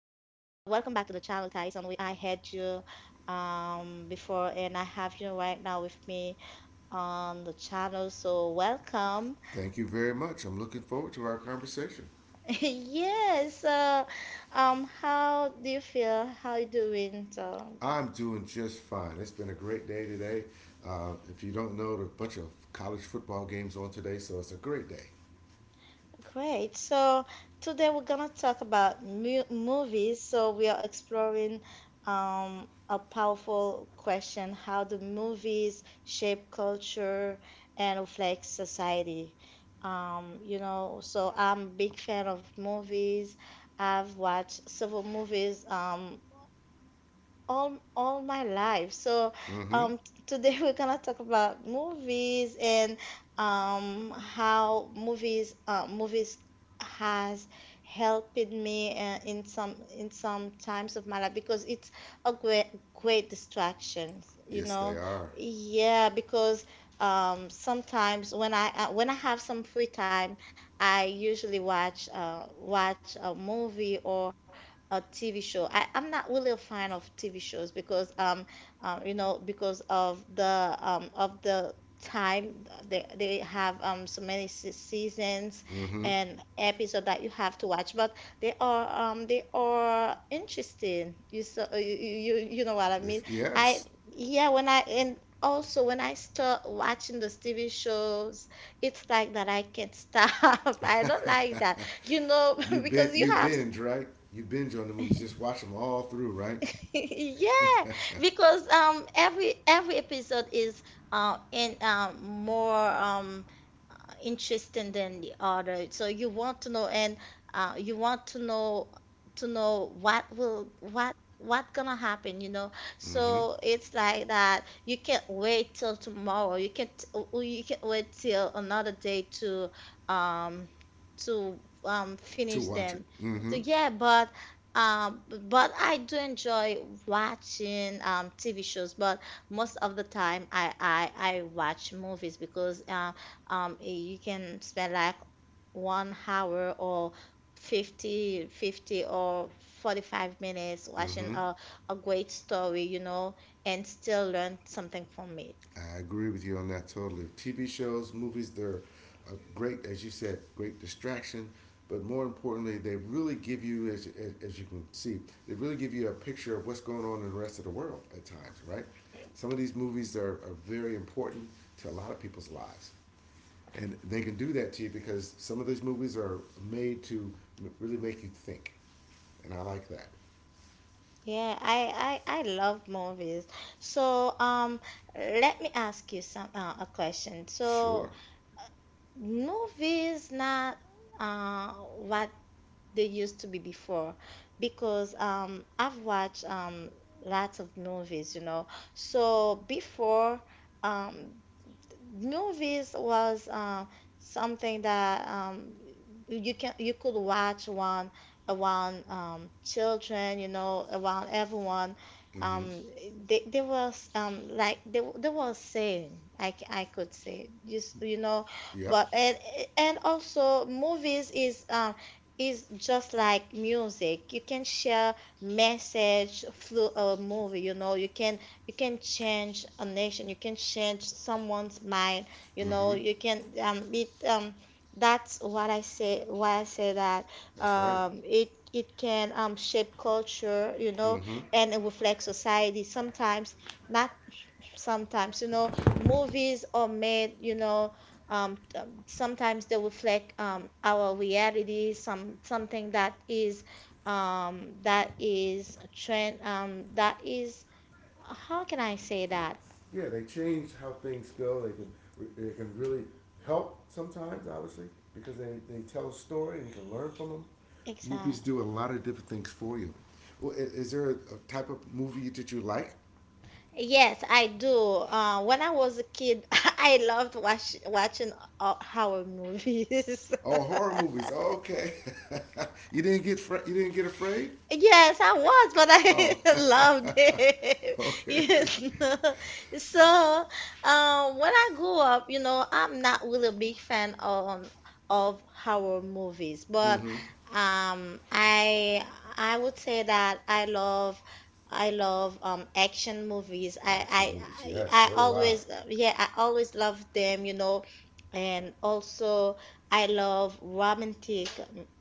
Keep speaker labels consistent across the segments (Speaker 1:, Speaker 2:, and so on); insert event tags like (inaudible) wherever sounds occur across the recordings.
Speaker 1: Welcome back to the channel, Tyson. We I had you before, and I have you right now with me on the channel. So welcome. (laughs)
Speaker 2: Thank you very much. I'm looking forward to our conversation.
Speaker 1: Yes. How do you feel? How you doing? So
Speaker 2: I'm doing just fine. It's been a great day today. If you don't know, there are a bunch of college football games on today, so it's a great day.
Speaker 1: great. So today we're gonna talk about mu movies. So we are exploring a powerful question: how do movies shape culture and reflect society? So I'm a big fan of movies. I've watched several movies. All my life. So,
Speaker 2: Mm-hmm.
Speaker 1: today (laughs) we're gonna talk about movies, and how movies has helped me, in some times of my life, because it's a great distraction,
Speaker 2: Yes,
Speaker 1: you
Speaker 2: they
Speaker 1: know.
Speaker 2: are.
Speaker 1: Yeah, because sometimes when I have some free time, I usually watch a movie or a TV show. I'm not really a fan of TV shows because because of the time they have so many seasons
Speaker 2: Mm-hmm.
Speaker 1: and episode that you have to watch, but they are, they are interesting. You so you, you know what I mean? I
Speaker 2: Yes.
Speaker 1: Yeah, when I and also when I start watching those TV shows, it's like that I can't stop. (laughs) I don't like that.
Speaker 2: You
Speaker 1: (laughs) Because
Speaker 2: binge,
Speaker 1: you
Speaker 2: you
Speaker 1: have...
Speaker 2: binge, right? You binge on the movies. Just watch them all through, right?
Speaker 1: (laughs) Yeah,
Speaker 2: (laughs)
Speaker 1: because every episode is, in more, interesting than the other. So you want to know, and you want to know what will what gonna happen.
Speaker 2: Mm-hmm.
Speaker 1: So it's like that. You can't wait till tomorrow. You can't wait till another day to um to
Speaker 2: To
Speaker 1: finish
Speaker 2: watch
Speaker 1: them.
Speaker 2: it.
Speaker 1: So
Speaker 2: Mm-hmm.
Speaker 1: yeah, but I do enjoy watching TV shows, but most of the time I watch movies, because you can spend like 1 hour, or 50, 50 or 45 minutes watching
Speaker 2: Mm-hmm.
Speaker 1: a great story, and still learn something from it.
Speaker 2: I agree with you on that totally. TV shows, movies, they're a great, as you said, great distraction. But more importantly, they really give you, as you can see, they really give you a picture of what's going on in the rest of the world at times, right? Some of these movies are very important to a lot of people's lives. And they can do that to you because some of these movies are made to really make you think. And I like that.
Speaker 1: Yeah, I love movies. So let me ask you some a question. So
Speaker 2: Sure.
Speaker 1: movies not, uh what they used to be before, because I've watched, lots of movies. So before, um movies was, something that, you could watch one around, children, around everyone.
Speaker 2: Mm hmm.
Speaker 1: Um, they was, like they was saying, I could say, just, you know,
Speaker 2: Yep.
Speaker 1: but and also movies is, is just like music. You can share message through a movie, you know. You can change a nation. You can change someone's mind. You
Speaker 2: Mm hmm.
Speaker 1: know you can it That's what I say, why I say that.
Speaker 2: That's right.
Speaker 1: It can, shape culture.
Speaker 2: Mm hmm.
Speaker 1: And it reflects society, sometimes not, sometimes, movies are made. Sometimes they reflect, our reality, something that is, that is trend, that is, how can I say that?
Speaker 2: Yeah, they change how things go. They can really help sometimes, obviously, because they tell a story and you can learn from them. Movies
Speaker 1: Exactly.
Speaker 2: do a lot of different things for you. Well, is there a type of movie that you like?
Speaker 1: Yes, I do. When I was a kid, (laughs) I loved watching, horror movies.
Speaker 2: Oh,
Speaker 1: (laughs)
Speaker 2: horror movies. Oh, okay. (laughs) You didn't get afraid.
Speaker 1: Yes, I was, but
Speaker 2: Oh,
Speaker 1: I (laughs) loved it.
Speaker 2: (laughs)
Speaker 1: (laughs)
Speaker 2: okay.
Speaker 1: Yes. (laughs) So, when I grew up, I'm not really a big fan of horror movies, but,
Speaker 2: Mm-hmm.
Speaker 1: um, I I would say that I love, action movies.
Speaker 2: Action movies. Yes, so do I.
Speaker 1: I always love them, and also I love romantic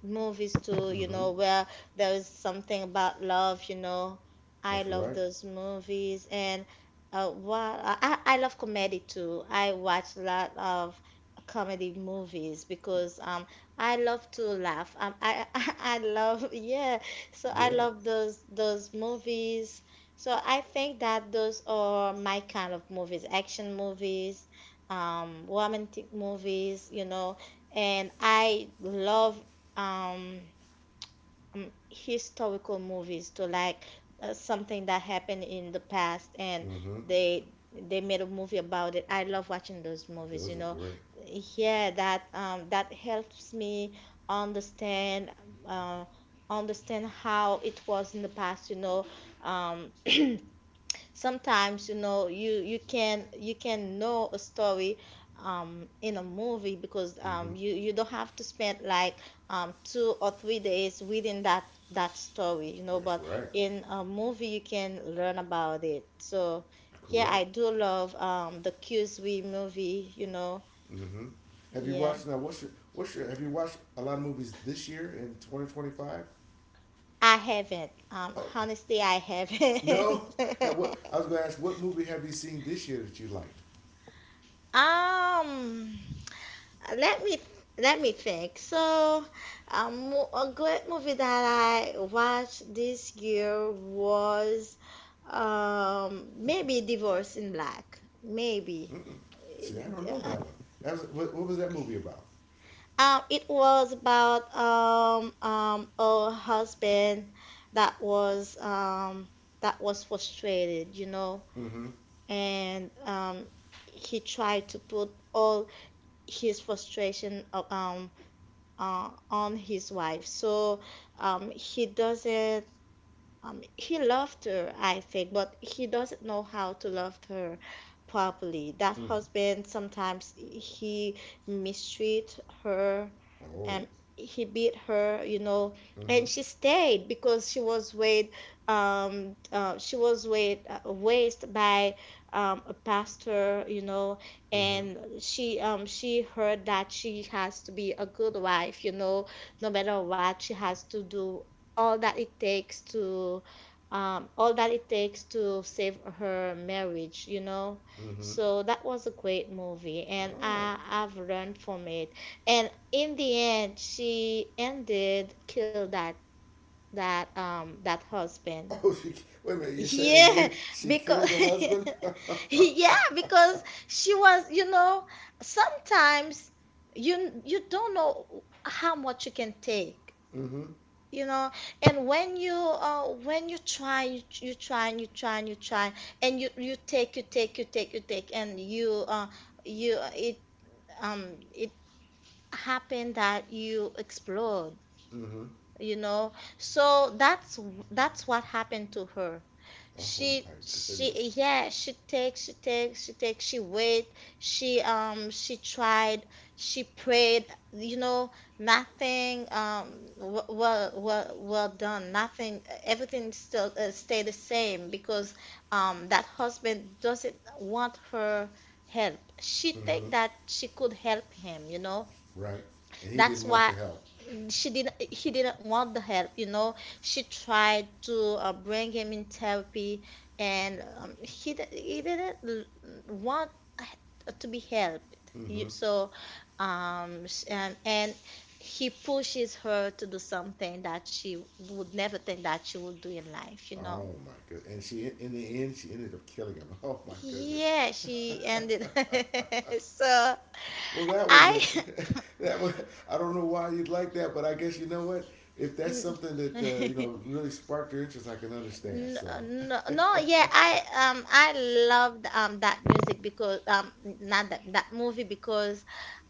Speaker 1: movies too,
Speaker 2: Mm-hmm.
Speaker 1: where there was something about love. I
Speaker 2: That's
Speaker 1: love
Speaker 2: right.
Speaker 1: those movies, and, what, I love comedy too. I watch a lot of comedy movies, because, I love to laugh. I (laughs) I love, yeah. So I
Speaker 2: Yeah.
Speaker 1: love those movies. So I think that those are my kind of movies: action movies, romantic movies. And I love, um historical movies to like, something that happened in the past, and
Speaker 2: Mm-hmm.
Speaker 1: they made a movie about it. I love watching those movies, you
Speaker 2: Those are
Speaker 1: know.
Speaker 2: great.
Speaker 1: Yeah, that helps me understand, uh, how it was in the past. You know. Um, sometimes, you can, know a story, in a movie, because,
Speaker 2: Mm-hmm.
Speaker 1: you don't have to spend like, 2 or 3 days within that story,
Speaker 2: That's
Speaker 1: but
Speaker 2: right.
Speaker 1: in a movie you can learn about it. So yeah, I
Speaker 2: Correct.
Speaker 1: do love, the Q3 movie.
Speaker 2: Mm-hmm. Have you
Speaker 1: Yeah.
Speaker 2: watched now? What's your what's your? Have you watched a lot of movies this year in 2025?
Speaker 1: I haven't
Speaker 2: Oh,
Speaker 1: honestly I
Speaker 2: (laughs)
Speaker 1: haven't
Speaker 2: no. Have what? I was going to ask what movie have you seen this year that you liked?
Speaker 1: (laughs) um Let me, think. So, a good movie that I watched this year was, maybe, Divorce in Black. Maybe.
Speaker 2: See, I don't know that one. That was, what was that movie about?
Speaker 1: It was about, a husband that was, that was frustrated,
Speaker 2: Mm-hmm.
Speaker 1: and, he tried to put all his frustration, on his wife. So, he doesn't, he loved her, I think, but he doesn't know how to love her properly. That
Speaker 2: Mm-hmm.
Speaker 1: husband, sometimes he mistreat her,
Speaker 2: Oh.
Speaker 1: and he beat her,
Speaker 2: Mm-hmm.
Speaker 1: and she stayed because she was weighed, raised by, a pastor,
Speaker 2: Mm-hmm.
Speaker 1: and she heard that she has to be a good wife, no matter what. She has to do all that it takes to, save her marriage.
Speaker 2: Mm-hmm.
Speaker 1: So that was a great movie, and,
Speaker 2: Oh.
Speaker 1: I've learned from it. And in the end, she ended kill that husband.
Speaker 2: (laughs) Oh, she. Wait a minute. You said in the
Speaker 1: Yeah,
Speaker 2: end she
Speaker 1: because
Speaker 2: killed the husband. (laughs)
Speaker 1: (laughs) Yeah, because she was, sometimes you don't know how much you can take
Speaker 2: Mm-hmm.
Speaker 1: you know and when you, when you try, you try, and you try, and you try, and you take, you take, you take, you take, and, you you it um it happened that you explode
Speaker 2: Mm-hmm.
Speaker 1: you know so that's what happened to her.
Speaker 2: Oh my goodness.
Speaker 1: She Yeah, she takes, she takes, she takes, she wait. She tried, she prayed. you know Nothing, well, done, nothing. Everything still, stay the same, because, that husband doesn't want her help. She
Speaker 2: Mm-hmm.
Speaker 1: think that she could help him.
Speaker 2: Right. And he
Speaker 1: That's
Speaker 2: didn't want
Speaker 1: why
Speaker 2: the help.
Speaker 1: she did he didn't want the help. She tried to, bring him in therapy, and, he didn't, want to be helped.
Speaker 2: Mm-hmm.
Speaker 1: So and he pushes her to do something that she would never think that she would do in life.
Speaker 2: Oh my goodness! And she in the end she ended up killing him. (laughs) Oh my goodness.
Speaker 1: Yeah, she ended. (laughs) So
Speaker 2: Well, that was
Speaker 1: I.
Speaker 2: it. (laughs) That was. I don't know why you'd like that, but I guess you know what. If that's something that you
Speaker 1: (laughs)
Speaker 2: know
Speaker 1: (laughs)
Speaker 2: really sparked your interest, I can understand.
Speaker 1: N-
Speaker 2: So. (laughs)
Speaker 1: No, no, yeah, I loved, that music, because, not that movie, because,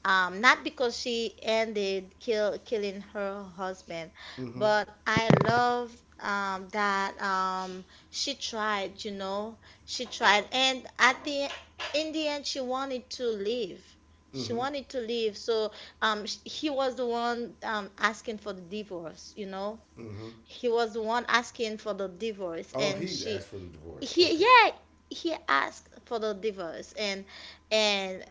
Speaker 1: not because she ended killing her husband,
Speaker 2: Mm-hmm.
Speaker 1: but I love, that, she tried, she tried, and at the in the end she wanted to leave. She
Speaker 2: Mm-hmm.
Speaker 1: wanted to leave, so, he was the one, asking for the divorce,
Speaker 2: Mm-hmm.
Speaker 1: he was the one asking for the divorce,
Speaker 2: Oh,
Speaker 1: and
Speaker 2: he
Speaker 1: she
Speaker 2: asked for the divorce.
Speaker 1: he
Speaker 2: Okay.
Speaker 1: yeah, he asked for the divorce. And and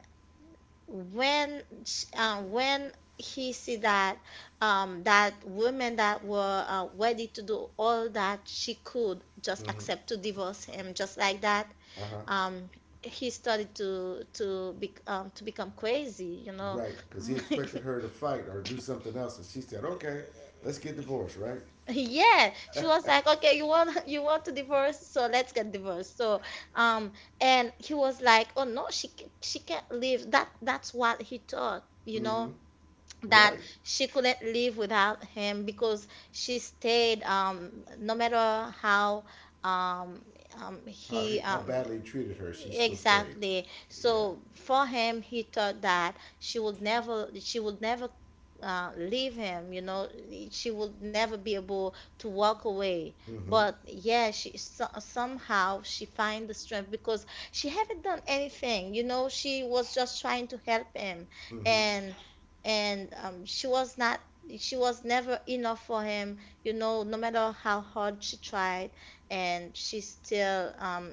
Speaker 1: when, when he see that, that women that were, ready to do all that she could, just
Speaker 2: Mm-hmm.
Speaker 1: accept to divorce him just like that,
Speaker 2: Uh huh.
Speaker 1: um he started to become crazy.
Speaker 2: Right, because he
Speaker 1: (laughs)
Speaker 2: expected her to fight or do something else, and she said, "Okay, let's get divorced." Right.
Speaker 1: (laughs) Yeah, she was like, "Okay, you want (laughs) you want to divorce, so let's get divorced." So, um, and he was like, "Oh no, she can't leave." That's what he thought,
Speaker 2: Mm-hmm.
Speaker 1: that
Speaker 2: Right.
Speaker 1: she couldn't live without him, because she stayed. No matter how, um
Speaker 2: How
Speaker 1: he,
Speaker 2: how badly he treated her, she still stayed.
Speaker 1: Exactly.
Speaker 2: Yeah.
Speaker 1: So for him, he thought that she would never, leave him. You know, she would never be able to walk away.
Speaker 2: Mm-hmm.
Speaker 1: But yeah, she so, somehow she find the strength, because she haven't done anything. You know, she was just trying to help him,
Speaker 2: Mm-hmm.
Speaker 1: and, she was not. She was never enough for him, no matter how hard she tried, and she still,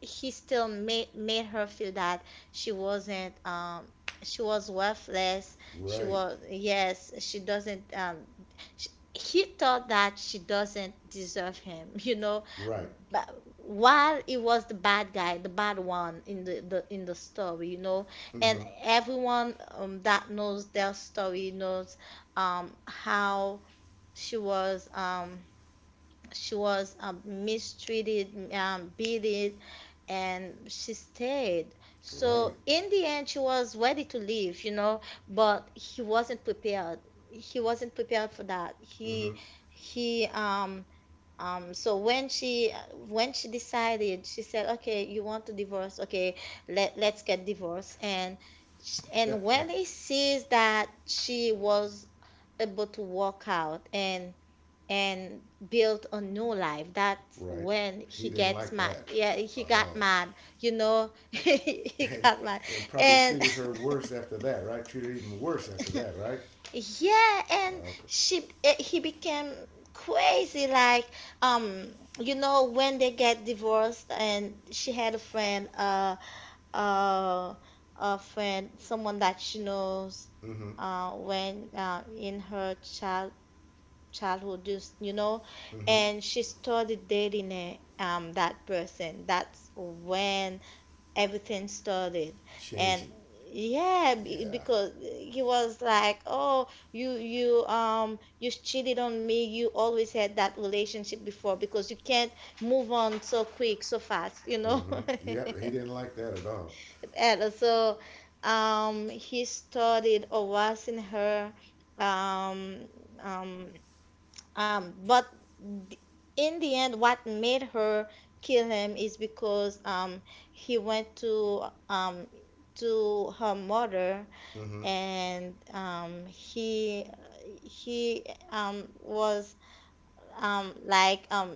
Speaker 1: he still made, her feel that she wasn't, she was worthless, she
Speaker 2: Right.
Speaker 1: was, yes, she doesn't, sh he thought that she doesn't deserve him. (laughs) You know,
Speaker 2: Right.
Speaker 1: but while he was the bad guy, the bad one in the story, and
Speaker 2: Mm-hmm.
Speaker 1: everyone, that knows their story knows, how she was, mistreated, beaten, and she stayed.
Speaker 2: Right.
Speaker 1: So in the end, she was ready to leave, but he wasn't prepared. He wasn't prepared for that.
Speaker 2: Mm-hmm.
Speaker 1: He um. So when she decided, she said, "Okay, you want to divorce? Okay, let's get divorced." And And when he sees that she was able to walk out and and built a new life. That's
Speaker 2: Right.
Speaker 1: when
Speaker 2: He
Speaker 1: he
Speaker 2: didn't
Speaker 1: gets
Speaker 2: like
Speaker 1: mad.
Speaker 2: that.
Speaker 1: Yeah, he got
Speaker 2: Oh.
Speaker 1: mad. You know, (laughs)
Speaker 2: (laughs)
Speaker 1: he
Speaker 2: And
Speaker 1: got mad.
Speaker 2: and probably
Speaker 1: And
Speaker 2: treated her worse after that, right? Treated her even worse after that, right?
Speaker 1: (laughs) yeah, and
Speaker 2: Okay.
Speaker 1: he became crazy like um you know when they get divorced and she had a friend uh a friend, someone that she knows
Speaker 2: Mm-hmm.
Speaker 1: when in her childhood, just you know.
Speaker 2: Mm-hmm.
Speaker 1: And she started dating that person. That's when everything started. And
Speaker 2: Changing.
Speaker 1: yeah, be-
Speaker 2: Yeah.
Speaker 1: because he was like, "Oh, you cheated on me. You always had that relationship before because you can't move on so quick so fast, you know."
Speaker 2: Mm-hmm. Yep. He
Speaker 1: (laughs)
Speaker 2: didn't like that at all.
Speaker 1: And so he started harassing her, um um um, but th- in the end, what made her kill him is because he went um, to her mother.
Speaker 2: Mm-hmm.
Speaker 1: And he was like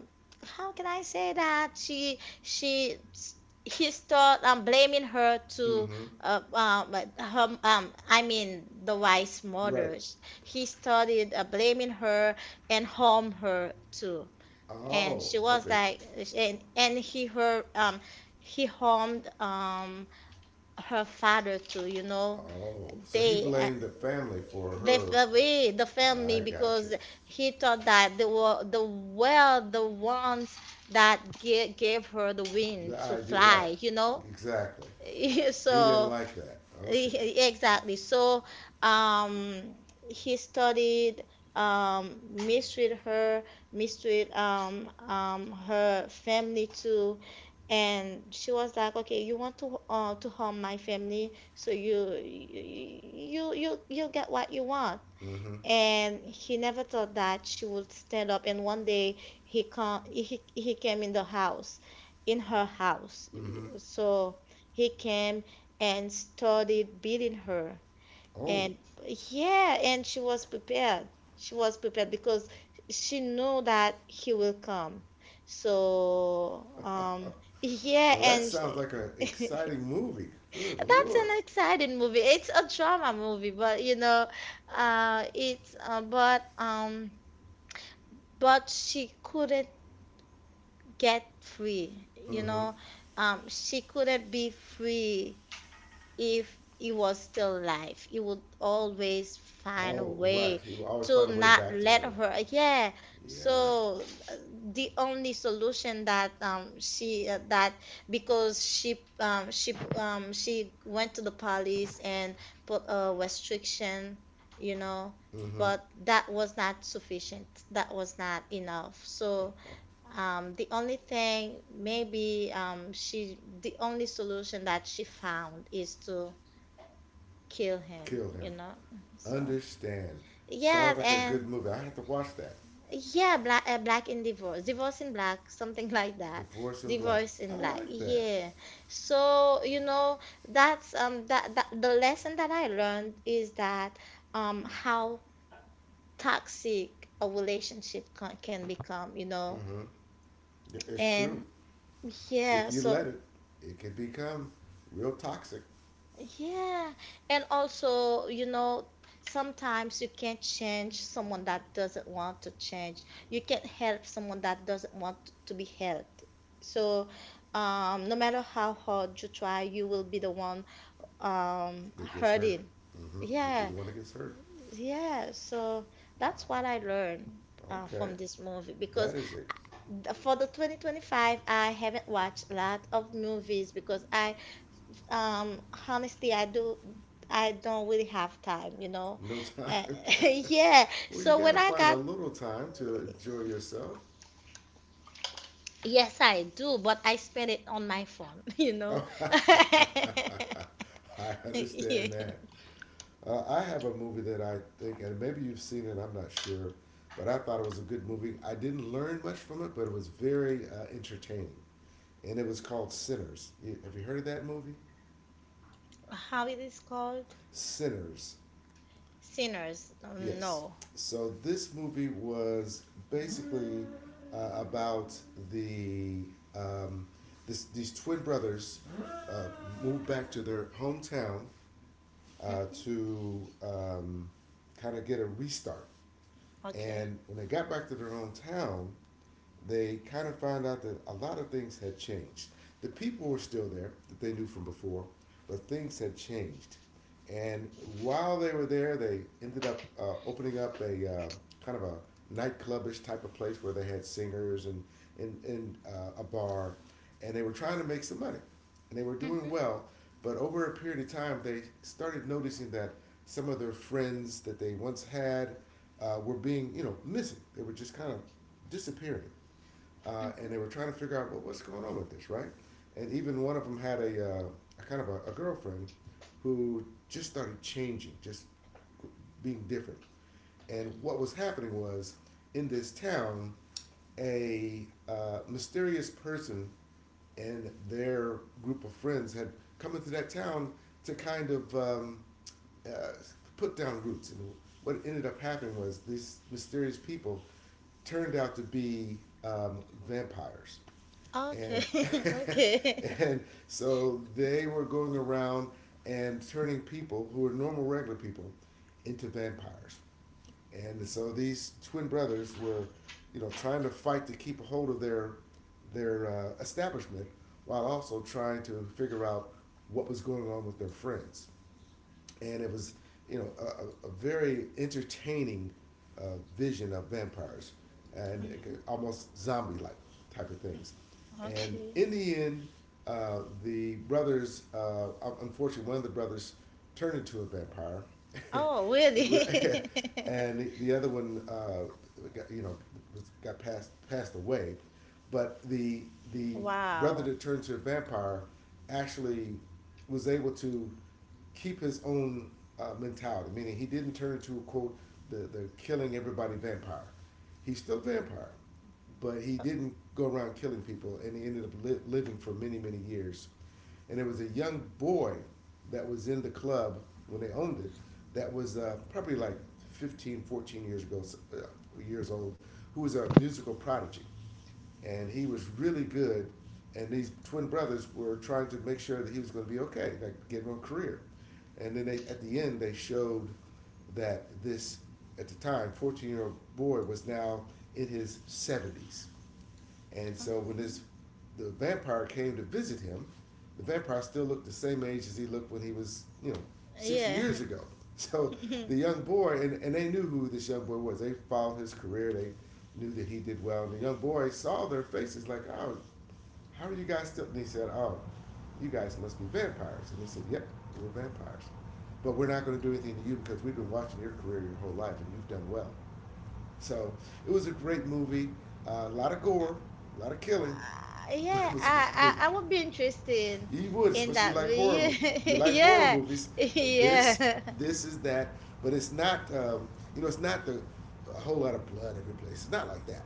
Speaker 1: how can I say that she he start blaming her to
Speaker 2: Mm-hmm.
Speaker 1: but her, I mean the wife's
Speaker 2: Right.
Speaker 1: mother. He started blaming her and harm her too. And
Speaker 2: Oh.
Speaker 1: she was
Speaker 2: Okay.
Speaker 1: like, and he her he harmed her father too, you know.
Speaker 2: Oh. So he
Speaker 1: They
Speaker 2: blamed the family for
Speaker 1: left
Speaker 2: her.
Speaker 1: away the
Speaker 2: I
Speaker 1: family
Speaker 2: gotcha.
Speaker 1: because he thought that they were, the were the ones that gave her the wind
Speaker 2: The
Speaker 1: to
Speaker 2: idea. Right.
Speaker 1: fly, you know.
Speaker 2: Exactly.
Speaker 1: (laughs)
Speaker 2: He didn't
Speaker 1: So
Speaker 2: like that. Okay.
Speaker 1: exactly. So um, he studied, um, mistreat her, mistreated, her family too. And she was like, "Okay, you want to harm my family, so you get what you want."
Speaker 2: Mm-hmm.
Speaker 1: And he never thought that she would stand up. And one day he he came in the house, in her house.
Speaker 2: Mm-hmm.
Speaker 1: So he came and started beating her.
Speaker 2: Oh,
Speaker 1: And yeah, and she was prepared. She was prepared because she knew that he will come. So yeah.
Speaker 2: well, that
Speaker 1: And
Speaker 2: sounds like an
Speaker 1: (laughs)
Speaker 2: exciting movie. Good
Speaker 1: that's
Speaker 2: lord.
Speaker 1: an exciting movie. It's a drama movie, but you know, it's but she couldn't get free, you
Speaker 2: Mm-hmm.
Speaker 1: know. She couldn't be free. If it was still life, it would always find a
Speaker 2: Oh, right.
Speaker 1: way
Speaker 2: He will always
Speaker 1: to
Speaker 2: find a way
Speaker 1: not
Speaker 2: back to
Speaker 1: let
Speaker 2: her.
Speaker 1: her. Yeah,
Speaker 2: Yeah.
Speaker 1: so uh, the only solution that she that because she went to the police and put a restriction, you know.
Speaker 2: Mm-hmm.
Speaker 1: But that was not sufficient, that was not enough. So
Speaker 2: (laughs)
Speaker 1: the only thing, maybe, the only solution that she found is to kill him,
Speaker 2: Kill
Speaker 1: you
Speaker 2: him.
Speaker 1: know? So,
Speaker 2: Understand.
Speaker 1: yeah.
Speaker 2: Sounds like a good
Speaker 1: And
Speaker 2: movie. I have to watch that.
Speaker 1: yeah, divorce in black, (laughs) something like that.
Speaker 2: Divorce in Black.
Speaker 1: Divorce in
Speaker 2: I
Speaker 1: Black,
Speaker 2: like that.
Speaker 1: yeah. So, you know, that's that the lesson that I learned is that how toxic a relationship can become, you know?
Speaker 2: Mm-hmm. It's true.
Speaker 1: And yeah,
Speaker 2: If you
Speaker 1: so.
Speaker 2: let it, it can become real toxic
Speaker 1: Yeah, and also, you know, sometimes you can't change someone that doesn't want to change. You can't help someone that doesn't want to be helped. So, no matter how hard you try, you will be the one um
Speaker 2: that gets hurt.
Speaker 1: hurting.
Speaker 2: Mm-hmm. You'll be
Speaker 1: Yeah,
Speaker 2: the one that gets hurt.
Speaker 1: yeah. So that's what
Speaker 2: Wow.
Speaker 1: I learned
Speaker 2: Okay.
Speaker 1: from this movie. Because
Speaker 2: That is it.
Speaker 1: for the 2025, I haven't watched a lot of movies because I, um, honestly, I do. I don't really have time, you know.
Speaker 2: No time.
Speaker 1: Uh, (laughs)
Speaker 2: (laughs)
Speaker 1: yeah.
Speaker 2: Well, you
Speaker 1: So
Speaker 2: got
Speaker 1: when
Speaker 2: to
Speaker 1: I
Speaker 2: find a
Speaker 1: got,
Speaker 2: little time to enjoy yourself.
Speaker 1: yes, I do, but I spend it on my phone, (laughs) you
Speaker 2: (laughs) I
Speaker 1: know. (laughs) Yeah.
Speaker 2: understand that. I have a movie that I think, and maybe you've seen it, I'm not sure, but I thought it was a good movie. I didn't learn much from it, but it was very entertaining. And it was called Sinners. Have you heard of that movie?
Speaker 1: How it is called?
Speaker 2: Sinners.
Speaker 1: Sinners.
Speaker 2: Yes.
Speaker 1: No.
Speaker 2: So this movie was basically about the um, these twin brothers uh, moved back to their hometown
Speaker 1: hmm
Speaker 2: to kind of get a restart.
Speaker 1: Okay.
Speaker 2: And when they got back to their hometown, they kind of found out that a lot of things had changed. The people were still there that they knew from before, but things had changed. And while they were there, they ended up opening up a kind of a nightclubish type of place where they had singers and and a bar, and they were trying to make some money, and they were doing
Speaker 1: hmm
Speaker 2: well. But over a period of time, they started noticing that some of their friends that they once had were being, you know, missing. They were just kind of disappearing, and
Speaker 1: hmm
Speaker 2: they were trying to figure out what's going on with this, right? And even one of them had a kind of a girlfriend who just started changing, just being different. And what was happening was in this town, a mysterious person and their group of friends had come into that town to kind of uh, put down roots. And what ended up happening was these mysterious people turned out to be um, vampires,
Speaker 1: Okay.
Speaker 2: and
Speaker 1: (laughs) Okay.
Speaker 2: (laughs) and so they were going around and turning people who were normal regular people into vampires, and so these twin brothers were, you know, trying to fight to keep a hold of their establishment while also trying to figure out what was going on with their friends. And it was, you know, very entertaining vision of vampires and
Speaker 1: Mhm.
Speaker 2: almost zombie like type of things. And
Speaker 1: Okay.
Speaker 2: in the end the brothers, unfortunately one of the brothers turned into a vampire
Speaker 1: Oh, really?
Speaker 2: (laughs)
Speaker 1: (laughs)
Speaker 2: and the other one got, you know, was, got passed away. But the brother
Speaker 1: Wow.
Speaker 2: that turned to a vampire actually was able to keep his own mentality, meaning he didn't turn into quote the killing everybody vampire. He's still a vampire, but he didn't go around killing people, and he ended up living for many many years. And there was a young boy that was in the club when they owned it that was probably like 15, 14 years ago, years old, who was a musical prodigy and he was really good. And these twin brothers were trying to make sure that he was going to be okay, like get him a career. And then they, at the end, they showed that at the time, 14-year-old boy was now in his 70s. And
Speaker 1: Okay.
Speaker 2: so when this the vampire came to visit him, the vampire still looked the same age as he looked when he was, you know, 60
Speaker 1: Yeah.
Speaker 2: years ago. (laughs) So the
Speaker 1: (laughs)
Speaker 2: young boy, and they knew who this young boy was. They followed his career. They knew that he did well. And the young boy saw their faces like, oh, how are you guys still? And he said, oh, you guys must be vampires. And they said, yep, we're vampires. But we're not going to do anything to you because we've been watching your career your whole life and you've done well. So it was a great movie. A lot of gore, a lot of killing, but
Speaker 1: Yeah,
Speaker 2: it was a good movie.
Speaker 1: I would be interested
Speaker 2: You would,
Speaker 1: in
Speaker 2: especially
Speaker 1: that. But
Speaker 2: like horror.
Speaker 1: yeah,
Speaker 2: You
Speaker 1: (laughs)
Speaker 2: like horror
Speaker 1: yeah,
Speaker 2: movies.
Speaker 1: (laughs)
Speaker 2: This,
Speaker 1: yeah,
Speaker 2: this is that, but it's not. You know, it's not the a whole lot of blood every place. It's not like that,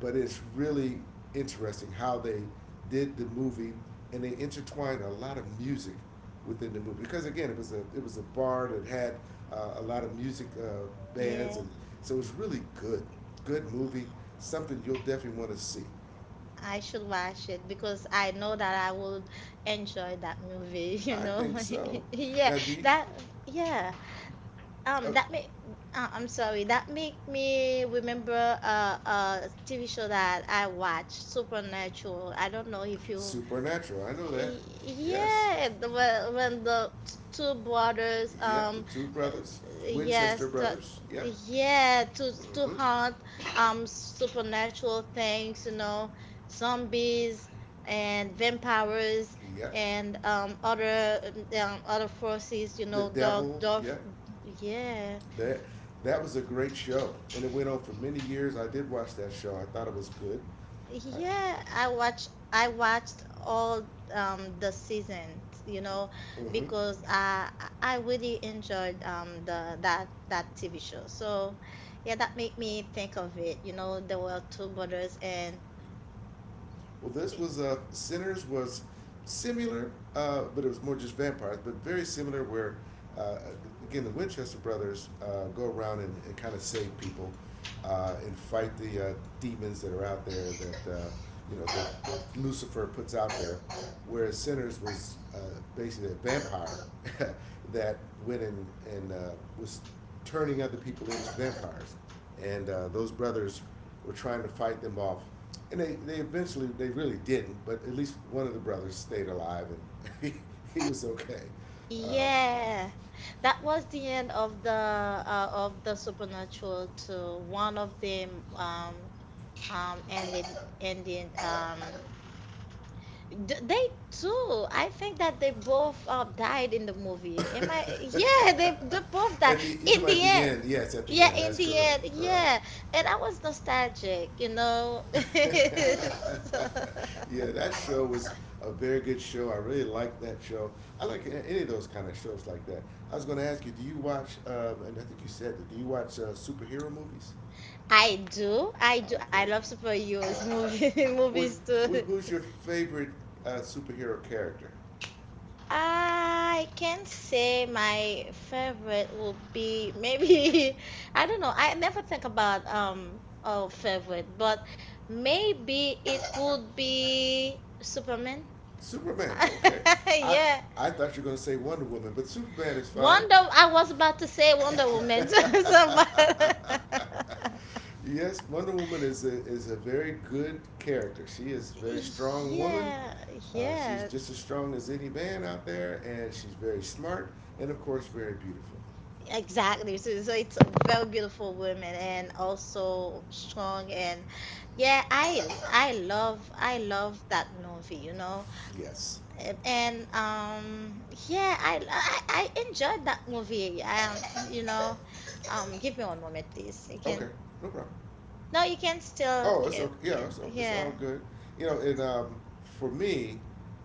Speaker 2: but it's really interesting how they did the movie and they intertwined a lot of music within the movie because again, it was a bar that had a lot of music bands.
Speaker 1: yeah.
Speaker 2: And so it's really good, good movie. Something you'll definitely want to see.
Speaker 1: I should watch it because I know that I would enjoy that movie. (laughs) You
Speaker 2: I
Speaker 1: know,
Speaker 2: think so.
Speaker 1: (laughs) yeah,
Speaker 2: Now, do you,
Speaker 1: that yeah.
Speaker 2: uh,
Speaker 1: That make I'm sorry. That make me remember a TV show that I watched, Supernatural. I don't know if you
Speaker 2: Supernatural. I know that. Yes.
Speaker 1: Yeah, when two brothers,
Speaker 2: Yep. The two
Speaker 1: uh,
Speaker 2: brothers, Winchester
Speaker 1: yes, to,
Speaker 2: brothers. Yep.
Speaker 1: yeah, to
Speaker 2: Hmm.
Speaker 1: hunt, supernatural things, you know, zombies and vampires
Speaker 2: Yep.
Speaker 1: and other, other forces, you
Speaker 2: The
Speaker 1: know,
Speaker 2: Devil.
Speaker 1: dark.
Speaker 2: Yep.
Speaker 1: Yeah.
Speaker 2: That that was a great show, and it went on for many years. I did watch that show. I thought it was good. I,
Speaker 1: Yeah, I watched all the seasons, you know,
Speaker 2: hmm.
Speaker 1: because I really enjoyed the that that TV show. So yeah, that made me think of it. You know, there were two brothers. And
Speaker 2: Well, this was Sinners was similar, but it was more just vampires, but very similar. Where uh, again, the Winchester brothers go around and kind of save people and fight the demons that are out there that you know that Lucifer puts out there. Whereas Sinners was basically a vampire (laughs) that went in and was turning other people into vampires, and those brothers were trying to fight them off. And they eventually, they really didn't, but at least one of the brothers stayed alive and (laughs) he was okay. Uh,
Speaker 1: yeah, that was the end of the Supernatural too. One of them um ended ended they too. I think that they both died in the movie. Am I?
Speaker 2: (laughs)
Speaker 1: Yeah, they both died
Speaker 2: you talking
Speaker 1: in
Speaker 2: about at
Speaker 1: the
Speaker 2: the
Speaker 1: end.
Speaker 2: end? Yes, at the
Speaker 1: Yeah,
Speaker 2: end.
Speaker 1: in
Speaker 2: That's
Speaker 1: the
Speaker 2: correct.
Speaker 1: end.
Speaker 2: Correct.
Speaker 1: Yeah. And I was nostalgic, you know. (laughs) So-
Speaker 2: (laughs) Yeah, that show was a very good show. I really liked that show. I like any of those kind of shows like that. I was going to ask you, do you watch, and I think you said that, do you watch superhero movies?
Speaker 1: I do. I do. I
Speaker 2: Okay.
Speaker 1: love superheroes movie, (laughs)
Speaker 2: Which,
Speaker 1: movies too.
Speaker 2: who's your favorite superhero character?
Speaker 1: I can say my favorite would be maybe (laughs) I don't know. I never think about oh favorite, but maybe it would be Superman.
Speaker 2: Superman.
Speaker 1: (laughs)
Speaker 2: Okay, I
Speaker 1: Yeah.
Speaker 2: I thought you were gonna say Wonder Woman, but Superman is fine.
Speaker 1: Wonder I was about to say Wonder Woman. (laughs) So, but-
Speaker 2: (laughs) Yes, Wonder Woman is a very good character. She is a very
Speaker 1: (laughs)
Speaker 2: strong woman.
Speaker 1: yeah,
Speaker 2: She's
Speaker 1: yeah.
Speaker 2: just as strong as any man out there, and she's very smart and of course very beautiful.
Speaker 1: Exactly. So it's a very beautiful woman and also strong. And yeah, I love that movie, you know.
Speaker 2: Yes.
Speaker 1: And yeah, I enjoyed that movie. You know. Give me one moment, please. You can
Speaker 2: Okay, no problem.
Speaker 1: No, you can still
Speaker 2: Oh, it's okay. Yeah,
Speaker 1: give
Speaker 2: it's all
Speaker 1: yeah.
Speaker 2: good. You know, and for me,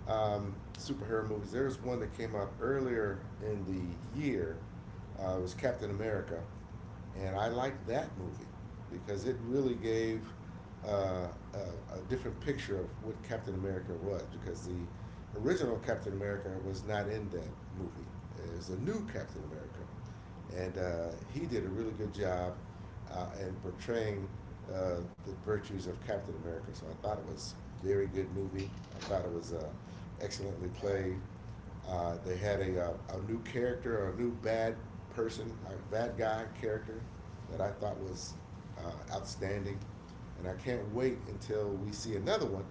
Speaker 2: superhero movies. There was one that came out earlier in the year. It was Captain America, and I liked that movie because it really gave uh, a different picture of what Captain America was. Because the original Captain America was not in that movie. It was a new Captain America, and he did a really good job in portraying the virtues of Captain America. So I thought it was a very good movie. I thought it was excellently played. They had a new character, a new bad person, a bad guy character that I thought was outstanding. And I can't wait until we see another one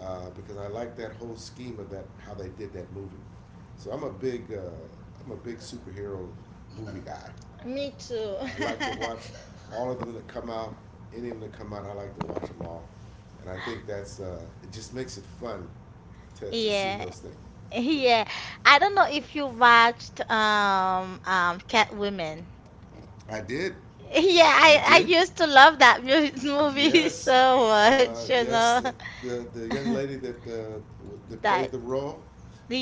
Speaker 2: because I like that whole scheme of that how they did that movie. So I'm a big superhero movie guy.
Speaker 1: Me too.
Speaker 2: I like to watch
Speaker 1: (laughs)
Speaker 2: all of them that come out, any of them that come out, I like to watch them all. And I think that's, it just makes it fun to see
Speaker 1: Yeah.
Speaker 2: those things.
Speaker 1: (laughs) Yeah. I don't know if you watched Cat Women.
Speaker 2: I did.
Speaker 1: Yeah,
Speaker 2: I
Speaker 1: I
Speaker 2: did.
Speaker 1: used to love that (laughs) movie
Speaker 2: Yes.
Speaker 1: so much, you know.
Speaker 2: Yes. The young lady that, that
Speaker 1: That
Speaker 2: played the role,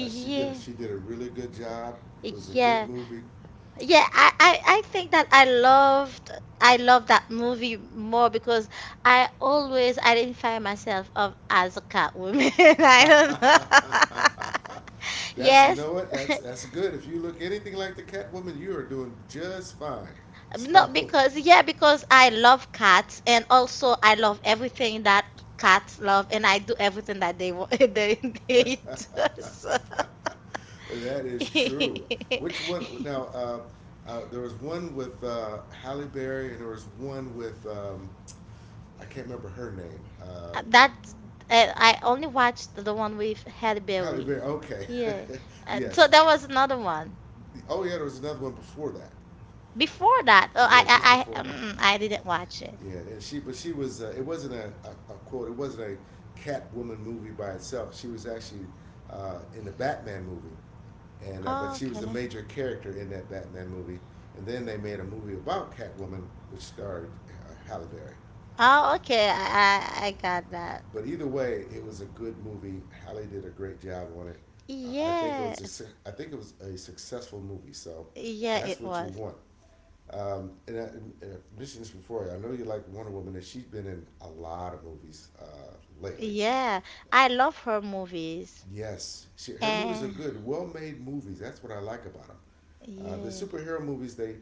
Speaker 2: she did a really good job. It was a good
Speaker 1: yeah,
Speaker 2: movie.
Speaker 1: yeah. I think that I loved that movie more because I always identify myself of as a cat woman. (laughs) I don't know.
Speaker 2: (laughs)
Speaker 1: (laughs)
Speaker 2: that's you
Speaker 1: Yes.
Speaker 2: know what that's that's good. If you look anything like the Catwoman, you are doing just fine.
Speaker 1: Not
Speaker 2: So
Speaker 1: because, yeah, because I love cats and also I love everything that cats love and I do everything that they want, (laughs) they do. So.
Speaker 2: (laughs) that is true. Which
Speaker 1: (laughs)
Speaker 2: one now? There was one with Halle Berry, and there was one with I can't remember her name.
Speaker 1: That's I only watched the one with Halle
Speaker 2: Halle
Speaker 1: Berry.
Speaker 2: Berry. Okay,
Speaker 1: Yeah.
Speaker 2: (laughs) yes.
Speaker 1: So that was another one.
Speaker 2: Oh yeah, there was another one before that.
Speaker 1: Before that, oh,
Speaker 2: Yeah, just before that.
Speaker 1: I didn't watch it.
Speaker 2: Yeah, and she but she was it wasn't a quote it wasn't a Catwoman movie by itself. She was actually in the Batman movie, and but
Speaker 1: Oh,
Speaker 2: she was a
Speaker 1: okay.
Speaker 2: major character in that Batman movie. And then they made a movie about Catwoman, which starred Halle Berry.
Speaker 1: Oh, okay. I got that.
Speaker 2: But either way, it was a good movie. Halle did a great job on it. I think it
Speaker 1: Yeah.
Speaker 2: was I think it was a successful movie. So
Speaker 1: Yeah,
Speaker 2: that's
Speaker 1: it
Speaker 2: what you
Speaker 1: was.
Speaker 2: want. And I mentioned this before. I know you like Wonder Woman, and she's been in a lot of movies lately.
Speaker 1: Yeah. I love her movies.
Speaker 2: Yes, she, her movies are
Speaker 1: And
Speaker 2: good, well-made movies. That's what I like about them. The
Speaker 1: yeah.
Speaker 2: superhero movies, they,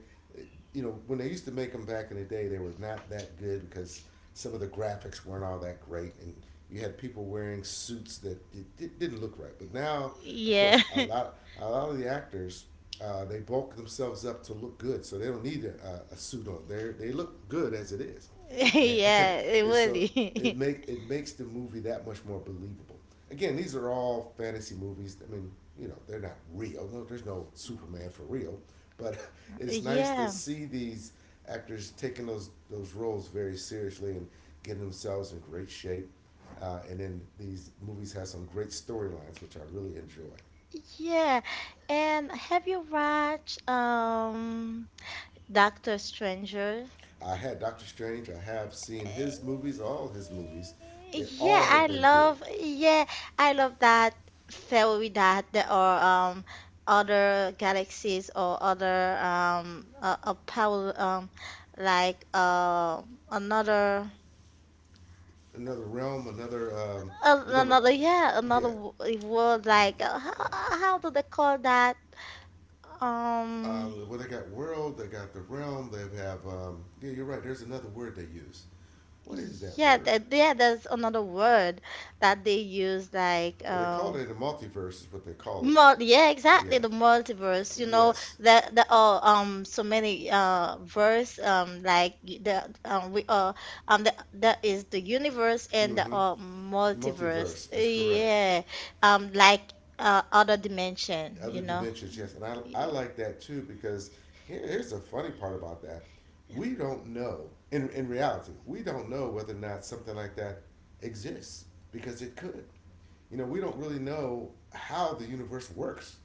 Speaker 2: you know, when they used to make them back in the day, they were not that good because some of the graphics weren't all that great, and you had people wearing suits that it, didn't look right. But now, of
Speaker 1: Yeah.
Speaker 2: course,
Speaker 1: (laughs)
Speaker 2: a lot of the actors, they bulk themselves up to look good, so they don't need a suit on. They look good as it is and, (laughs)
Speaker 1: Yeah, it
Speaker 2: and so
Speaker 1: really.
Speaker 2: it makes the movie that much more believable. Again, these are all fantasy movies. I mean, you know, they're not real. No, there's no Superman for real. But (laughs)
Speaker 1: (laughs)
Speaker 2: it's nice to
Speaker 1: Yeah.
Speaker 2: see these actors taking those roles very seriously and getting themselves in great shape. And then these movies have some great storylines, which I really enjoy.
Speaker 1: Yeah. And have you watched Doctor Stranger.
Speaker 2: I had Doctor Strange. I have seen his movies, all his movies. They all have been good.
Speaker 1: Yeah, I love that theory that there are um other galaxies or other a power like uh another
Speaker 2: Another Realm, another. You talking about.
Speaker 1: another yeah another
Speaker 2: Yeah.
Speaker 1: world. Like how do they call that um
Speaker 2: Well, they got world, they got the realm, they have, yeah, you're right, there's another word they use. What is that
Speaker 1: yeah
Speaker 2: word?
Speaker 1: yeah there's another word that they use like
Speaker 2: Well, they call it a multiverse, is what they call it.
Speaker 1: Mul yeah, exactly.
Speaker 2: Yeah.
Speaker 1: The multiverse, you know,
Speaker 2: Yes.
Speaker 1: that there are so many verse like y- the we are, the, that is the universe and
Speaker 2: Mm
Speaker 1: there
Speaker 2: hmm.
Speaker 1: are multiverse.
Speaker 2: Multiverse, that's correct.
Speaker 1: Yeah, like other dimension, you
Speaker 2: Other
Speaker 1: know.
Speaker 2: dimensions, yes. And I like that too because here's the funny part about that. We don't know, in reality, we don't know whether or not something like that exists because it could. You know, we don't really know how the universe works.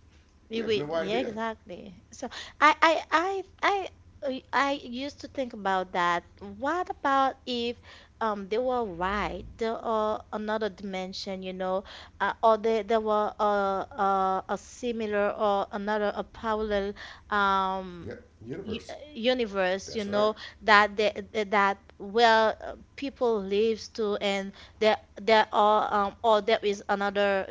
Speaker 2: We
Speaker 1: You
Speaker 2: have
Speaker 1: would,
Speaker 2: no
Speaker 1: yeah,
Speaker 2: idea.
Speaker 1: exactly. So I, I, I, I used to think about that. What about if they were right? There are another dimension, you know, or they there were a similar or another a parallel um
Speaker 2: Yep, universe.
Speaker 1: universe, you
Speaker 2: That's right.
Speaker 1: know, that they, that where people lives to, and there are or there is another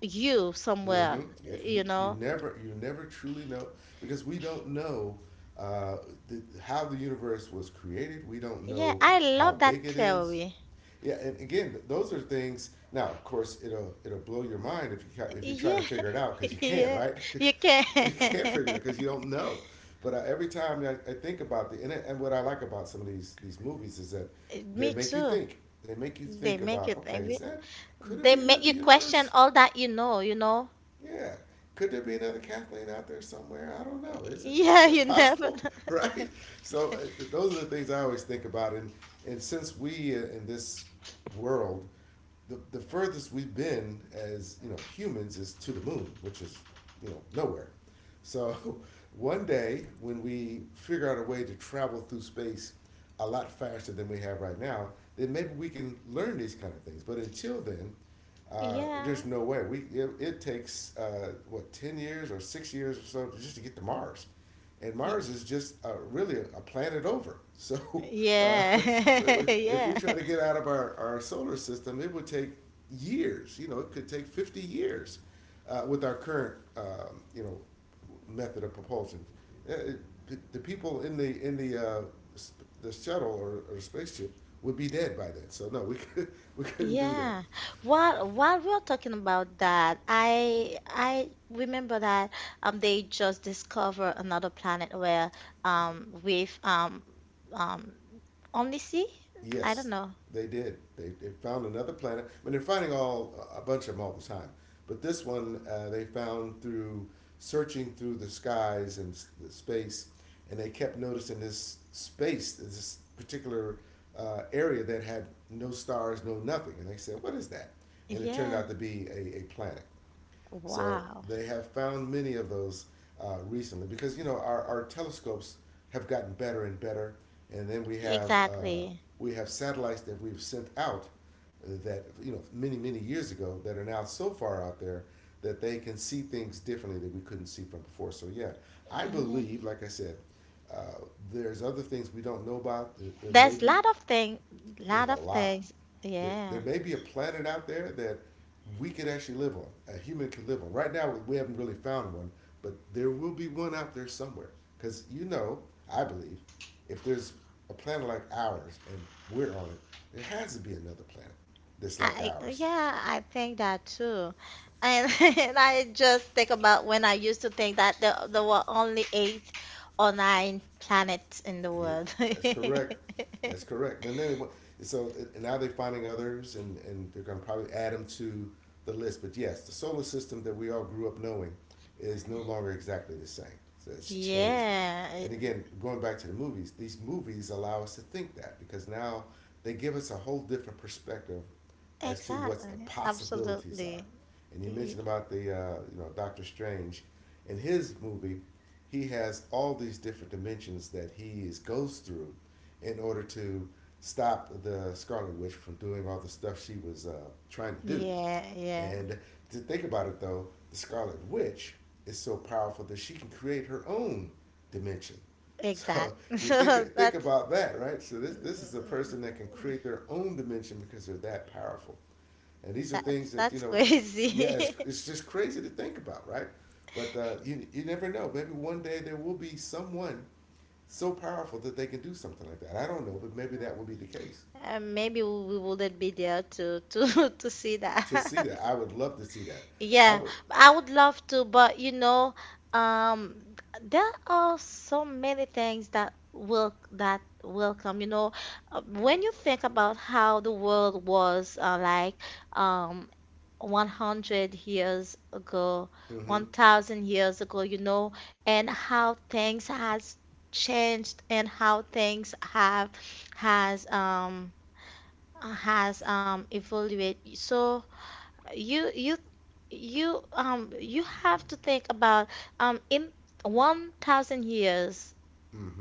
Speaker 1: you
Speaker 2: Mm-hmm.
Speaker 1: somewhere,
Speaker 2: Yeah,
Speaker 1: you know.
Speaker 2: you never truly know because we don't know uh, how the universe was created. We don't
Speaker 1: Yeah,
Speaker 2: know
Speaker 1: I love
Speaker 2: how big
Speaker 1: that
Speaker 2: it is.
Speaker 1: theory.
Speaker 2: Yeah, and again, those are things. Now, of course, it'll blow your mind if you try
Speaker 1: Yeah,
Speaker 2: to figure it out because you
Speaker 1: (laughs)
Speaker 2: can,
Speaker 1: yeah,
Speaker 2: right?
Speaker 1: you can.
Speaker 2: (laughs) You can't figure it out
Speaker 1: (laughs)
Speaker 2: because you don't know. But every time I think about the and what I like about some of these movies is that they
Speaker 1: Me
Speaker 2: make you
Speaker 1: too.
Speaker 2: think. They make you
Speaker 1: They
Speaker 2: think
Speaker 1: make you
Speaker 2: about okay, is
Speaker 1: think.
Speaker 2: that could it
Speaker 1: They
Speaker 2: be
Speaker 1: make
Speaker 2: another
Speaker 1: you question
Speaker 2: universe?
Speaker 1: all that you know. You know.
Speaker 2: Yeah. Could there be another Kathleen out there somewhere? I don't know.
Speaker 1: (laughs)
Speaker 2: Is
Speaker 1: Yeah,
Speaker 2: that
Speaker 1: you never.
Speaker 2: possible? (laughs)
Speaker 1: (laughs)
Speaker 2: Right? So those are the things I always think about. And since we in this world the furthest we've been as you know humans is to the moon, which is you know nowhere. So (laughs) one day when we figure out a way to travel through space a lot faster than we have right now, then maybe we can learn these kind of things. But until then,
Speaker 1: Yeah.
Speaker 2: there's no way. We it takes what 10 years or 6 years or so just to get to Mars, and
Speaker 1: Y-
Speaker 2: Mars is just really a, planet over. (laughs) So uh,
Speaker 1: yeah. (laughs)
Speaker 2: if
Speaker 1: Yeah.
Speaker 2: we try to get out of our solar system, it would take years. You know, it could take 50 years with our current, you know, method of propulsion. Uh, it- the people in the shuttle or spaceship would be dead by then. So no, we (laughs) could, we couldn't do that.
Speaker 1: Yeah. While we're talking about that, I remember that they just discover another planet where with um omnisci? I don't
Speaker 2: Yes,
Speaker 1: know.
Speaker 2: they did. They found another planet. I mean, they're finding all a bunch of them all the time, but this one they found through searching through the skies and the space, and they kept noticing this space, this particular area that had no stars, no nothing, and they said, "What is that?" And it turned
Speaker 1: Yeah.
Speaker 2: out to be a planet. So
Speaker 1: Wow.
Speaker 2: they have found many of those recently because you know our telescopes have gotten better and better, and then we have uh,
Speaker 1: Exactly.
Speaker 2: we have satellites that we've sent out that you know many many years ago that are now so far out there that they can see things differently that we couldn't see from before. So yeah, I
Speaker 1: Yeah.
Speaker 2: believe, like I said, uh, there's other things we don't know about. There may
Speaker 1: There's
Speaker 2: be
Speaker 1: lot of
Speaker 2: there's
Speaker 1: lot
Speaker 2: a
Speaker 1: of
Speaker 2: lot
Speaker 1: things.
Speaker 2: there
Speaker 1: Yeah.
Speaker 2: may be a planet out there that we could actually live on. A human could live on. Right now, we haven't really found one, but there will be one out there somewhere. Because you know, I believe, if there's a planet like ours and we're on it, there has to be another planet that's like
Speaker 1: I
Speaker 2: ours.
Speaker 1: yeah, I think that too. And, (laughs) and I just think about when I used to think that there were only eight or nine planets in the
Speaker 2: Yeah,
Speaker 1: world.
Speaker 2: that's
Speaker 1: (laughs)
Speaker 2: correct. That's correct. And then it, so and now they're finding others, and they're going to probably add them to the list. But yes, the solar system that we all grew up knowing is no longer exactly the same. So it's changed.
Speaker 1: Yeah,
Speaker 2: And again, going back to the movies, these movies allow us to think that because now they give us a whole different perspective as to what the
Speaker 1: exactly.
Speaker 2: possibilities are.
Speaker 1: Absolutely.
Speaker 2: And you
Speaker 1: Y-
Speaker 2: mentioned about the you know Doctor Strange, in his movie, he has all these different dimensions that he is, goes through in order to stop the Scarlet Witch from doing all the stuff she was trying to do.
Speaker 1: Yeah, yeah.
Speaker 2: And to think about it though, the Scarlet Witch is so powerful that she can create her own dimension
Speaker 1: Exact.
Speaker 2: so
Speaker 1: (laughs)
Speaker 2: you think
Speaker 1: So
Speaker 2: about that, right? So this is a person that can create their own dimension because they're that powerful. And these are things that you
Speaker 1: that's
Speaker 2: know, yeah,
Speaker 1: crazy. (laughs)
Speaker 2: it's just crazy to think about, right? But you you never know. Maybe one day there will be someone so powerful that they can do something like that. I don't know, but maybe that will be the case.
Speaker 1: And maybe we wouldn't be there to (laughs) to see
Speaker 2: To see
Speaker 1: that.
Speaker 2: that,
Speaker 1: (laughs)
Speaker 2: I would love to see that. I
Speaker 1: Yeah,
Speaker 2: would.
Speaker 1: I would love to, but you know, um, there are so many things that will come. You know, uh, when you think about how the world was like um 100 years ago,
Speaker 2: Mm-hmm.
Speaker 1: 1,000 years ago, you know, and how things has changed and how things have has um has evolved. So you you you, you have to think about in 1,000 years,
Speaker 2: Mm-hmm.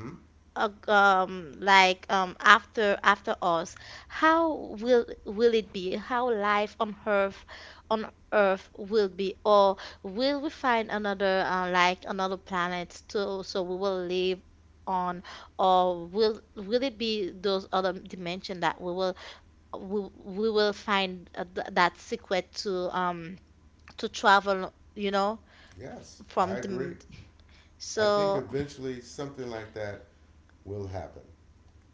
Speaker 1: like after after us, how will it be, how life on earth will be? Or will we find another like another planet to so we will live on? Or will it be those other dimension that we will find that secret um to travel, you know,
Speaker 2: Yes,
Speaker 1: from
Speaker 2: I agree.
Speaker 1: the,
Speaker 2: I think
Speaker 1: so
Speaker 2: eventually something like that will happen.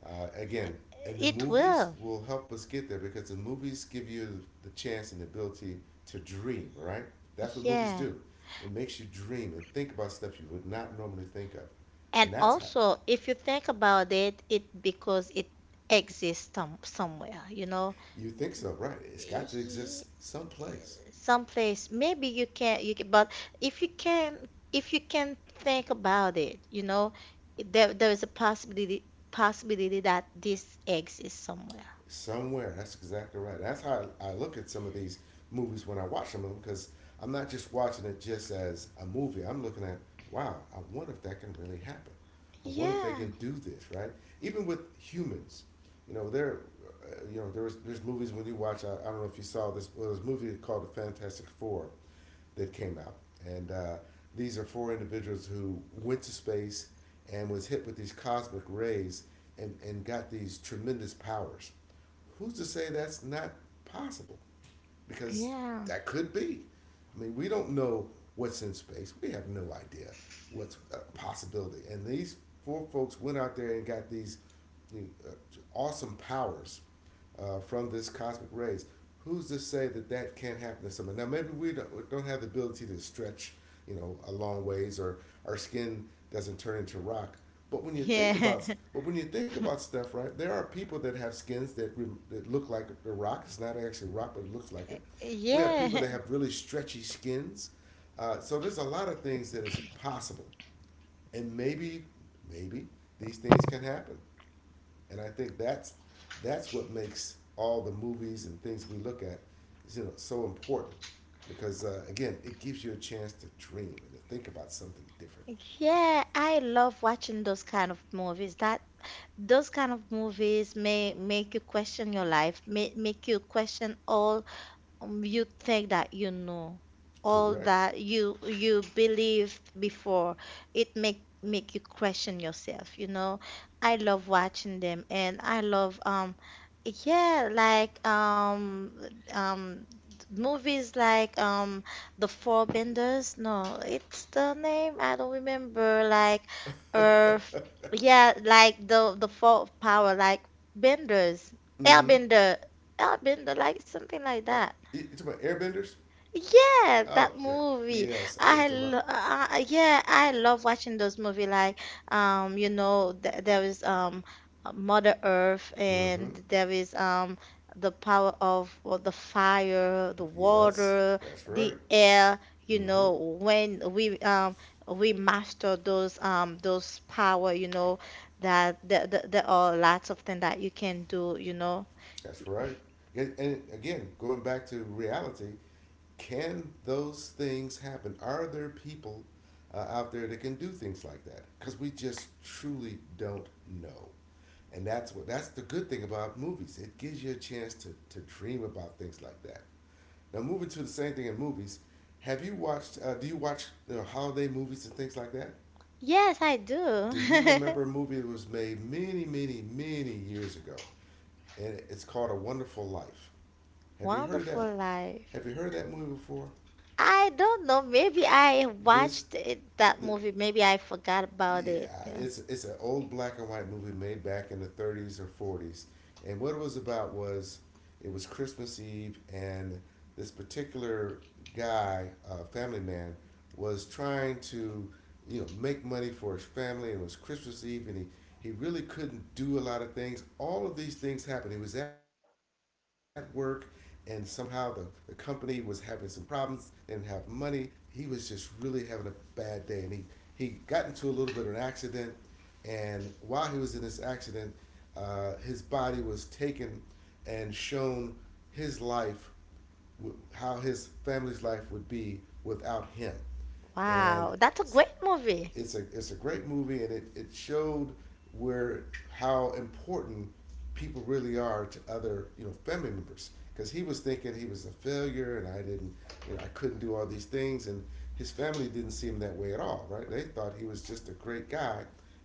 Speaker 2: Again, and the
Speaker 1: it
Speaker 2: movies
Speaker 1: will.
Speaker 2: will help us get there because the movies give you the chance and the ability to dream, right? That's what movies
Speaker 1: Yeah.
Speaker 2: do. It makes you dream and think about stuff you would not normally think of.
Speaker 1: And
Speaker 2: And that's how
Speaker 1: also, if you think about it, it because it exists somewhere, you know,
Speaker 2: you think so, right? It's got to
Speaker 1: Y-
Speaker 2: exist someplace.
Speaker 1: someplace. Maybe you can, but if you can, if you can think about it, you know, there is a possibility that this exists somewhere.
Speaker 2: Somewhere. That's exactly right. That's how I look at some of these movies when I watch them because I'm not just watching it just as a movie. I'm looking at, wow, I wonder if that can really happen. I wonder if they
Speaker 1: Yeah,
Speaker 2: can do this, right? Even with humans, you know, there's movies when you watch. I don't know if you saw this. Well, this movie called The Fantastic Four, that came out. And these are four individuals who went to space and was hit with these cosmic rays and got these tremendous powers. Who's to say that's not possible? Because
Speaker 1: yeah,
Speaker 2: that could be. I mean, we don't know what's in space. We have no idea what's a possibility. And these four folks went out there and got these uh, awesome powers from this cosmic rays. Who's to say that that can't happen to someone? Now, maybe we don't have the ability to stretch, you know, a long ways, or our skin doesn't turn into rock. But when you think
Speaker 1: yeah,
Speaker 2: about, but when you think about stuff, right? There are people that have skins that look like the rock. It's not actually rock, but it looks like it.
Speaker 1: (laughs)
Speaker 2: We have people that
Speaker 1: yeah.
Speaker 2: have really stretchy skins. So there's a lot of things that is possible, and maybe these things can happen. And I think that's what makes all the movies and things we look at, is, you know, so important, because again, it gives you a chance to dream and to think about something different.
Speaker 1: Yeah, I love watching those kind of movies. That those kind of movies may make you question your life, may make you question all, you think that you know all
Speaker 2: Correct.
Speaker 1: that you believed before. It make you question yourself, you know. I love watching them, and I love yeah like um um movies like The Four Benders, no it's the name I don't remember, like Earth. Yeah, like the four power, like benders.
Speaker 2: Mm-hmm.
Speaker 1: Airbender, like something like
Speaker 2: Uh,
Speaker 1: that.
Speaker 2: you talking about airbenders?
Speaker 1: Yeah, that
Speaker 2: Oh yeah.
Speaker 1: movie.
Speaker 2: Yes, I thought you were talking about.
Speaker 1: Yeah, I love watching those movie, like you know, th there is Mother Earth, and
Speaker 2: Mm-hmm.
Speaker 1: there is the power of, well, the fire, the
Speaker 2: Yes,
Speaker 1: water,
Speaker 2: that's
Speaker 1: the
Speaker 2: right.
Speaker 1: air. You
Speaker 2: Mm-hmm.
Speaker 1: know, when we master those power, you know, that there are lots of things that you can do, you know.
Speaker 2: That's right. And again, going back to reality, can those things happen? Are there people out there that can do things like that? Because we just truly don't know. And that's the good thing about movies. It gives you a chance to dream about things like that. Now moving to the same thing in movies, have you watched? Do you watch you know, holiday movies and things like that?
Speaker 1: Yes, I do.
Speaker 2: Do you remember a movie that was made many, many, many years ago, and it's called A Wonderful Life?
Speaker 1: (laughs)
Speaker 2: Have you heard of that?
Speaker 1: Wonderful
Speaker 2: Have
Speaker 1: life.
Speaker 2: you heard of that movie before?
Speaker 1: I don't know. Maybe I
Speaker 2: This,
Speaker 1: watched it, that
Speaker 2: the,
Speaker 1: movie. Maybe I forgot about it.
Speaker 2: yeah,
Speaker 1: Yeah.
Speaker 2: it's an old black and white movie made back in the 30s or 40s, and what it was about was it was Christmas Eve, and this particular guy, family man, was trying to, you know, make money for his family. It was Christmas Eve, and he really couldn't do a lot of things. All of these things happened. He was at work, and somehow the company was having some problems. They didn't have money. He was just really having a bad day, and he got into a little bit of an accident and while he was in this accident, his body was taken and shown his life, how his family's life would be without him. And
Speaker 1: Wow, that's a great movie.
Speaker 2: it's a great movie, and it showed where how important people really are to other you know family members. Because he was thinking he was a failure, and I didn't, you know, I couldn't do all these things, and his family didn't see him that way at all, right? They thought he was just a great guy,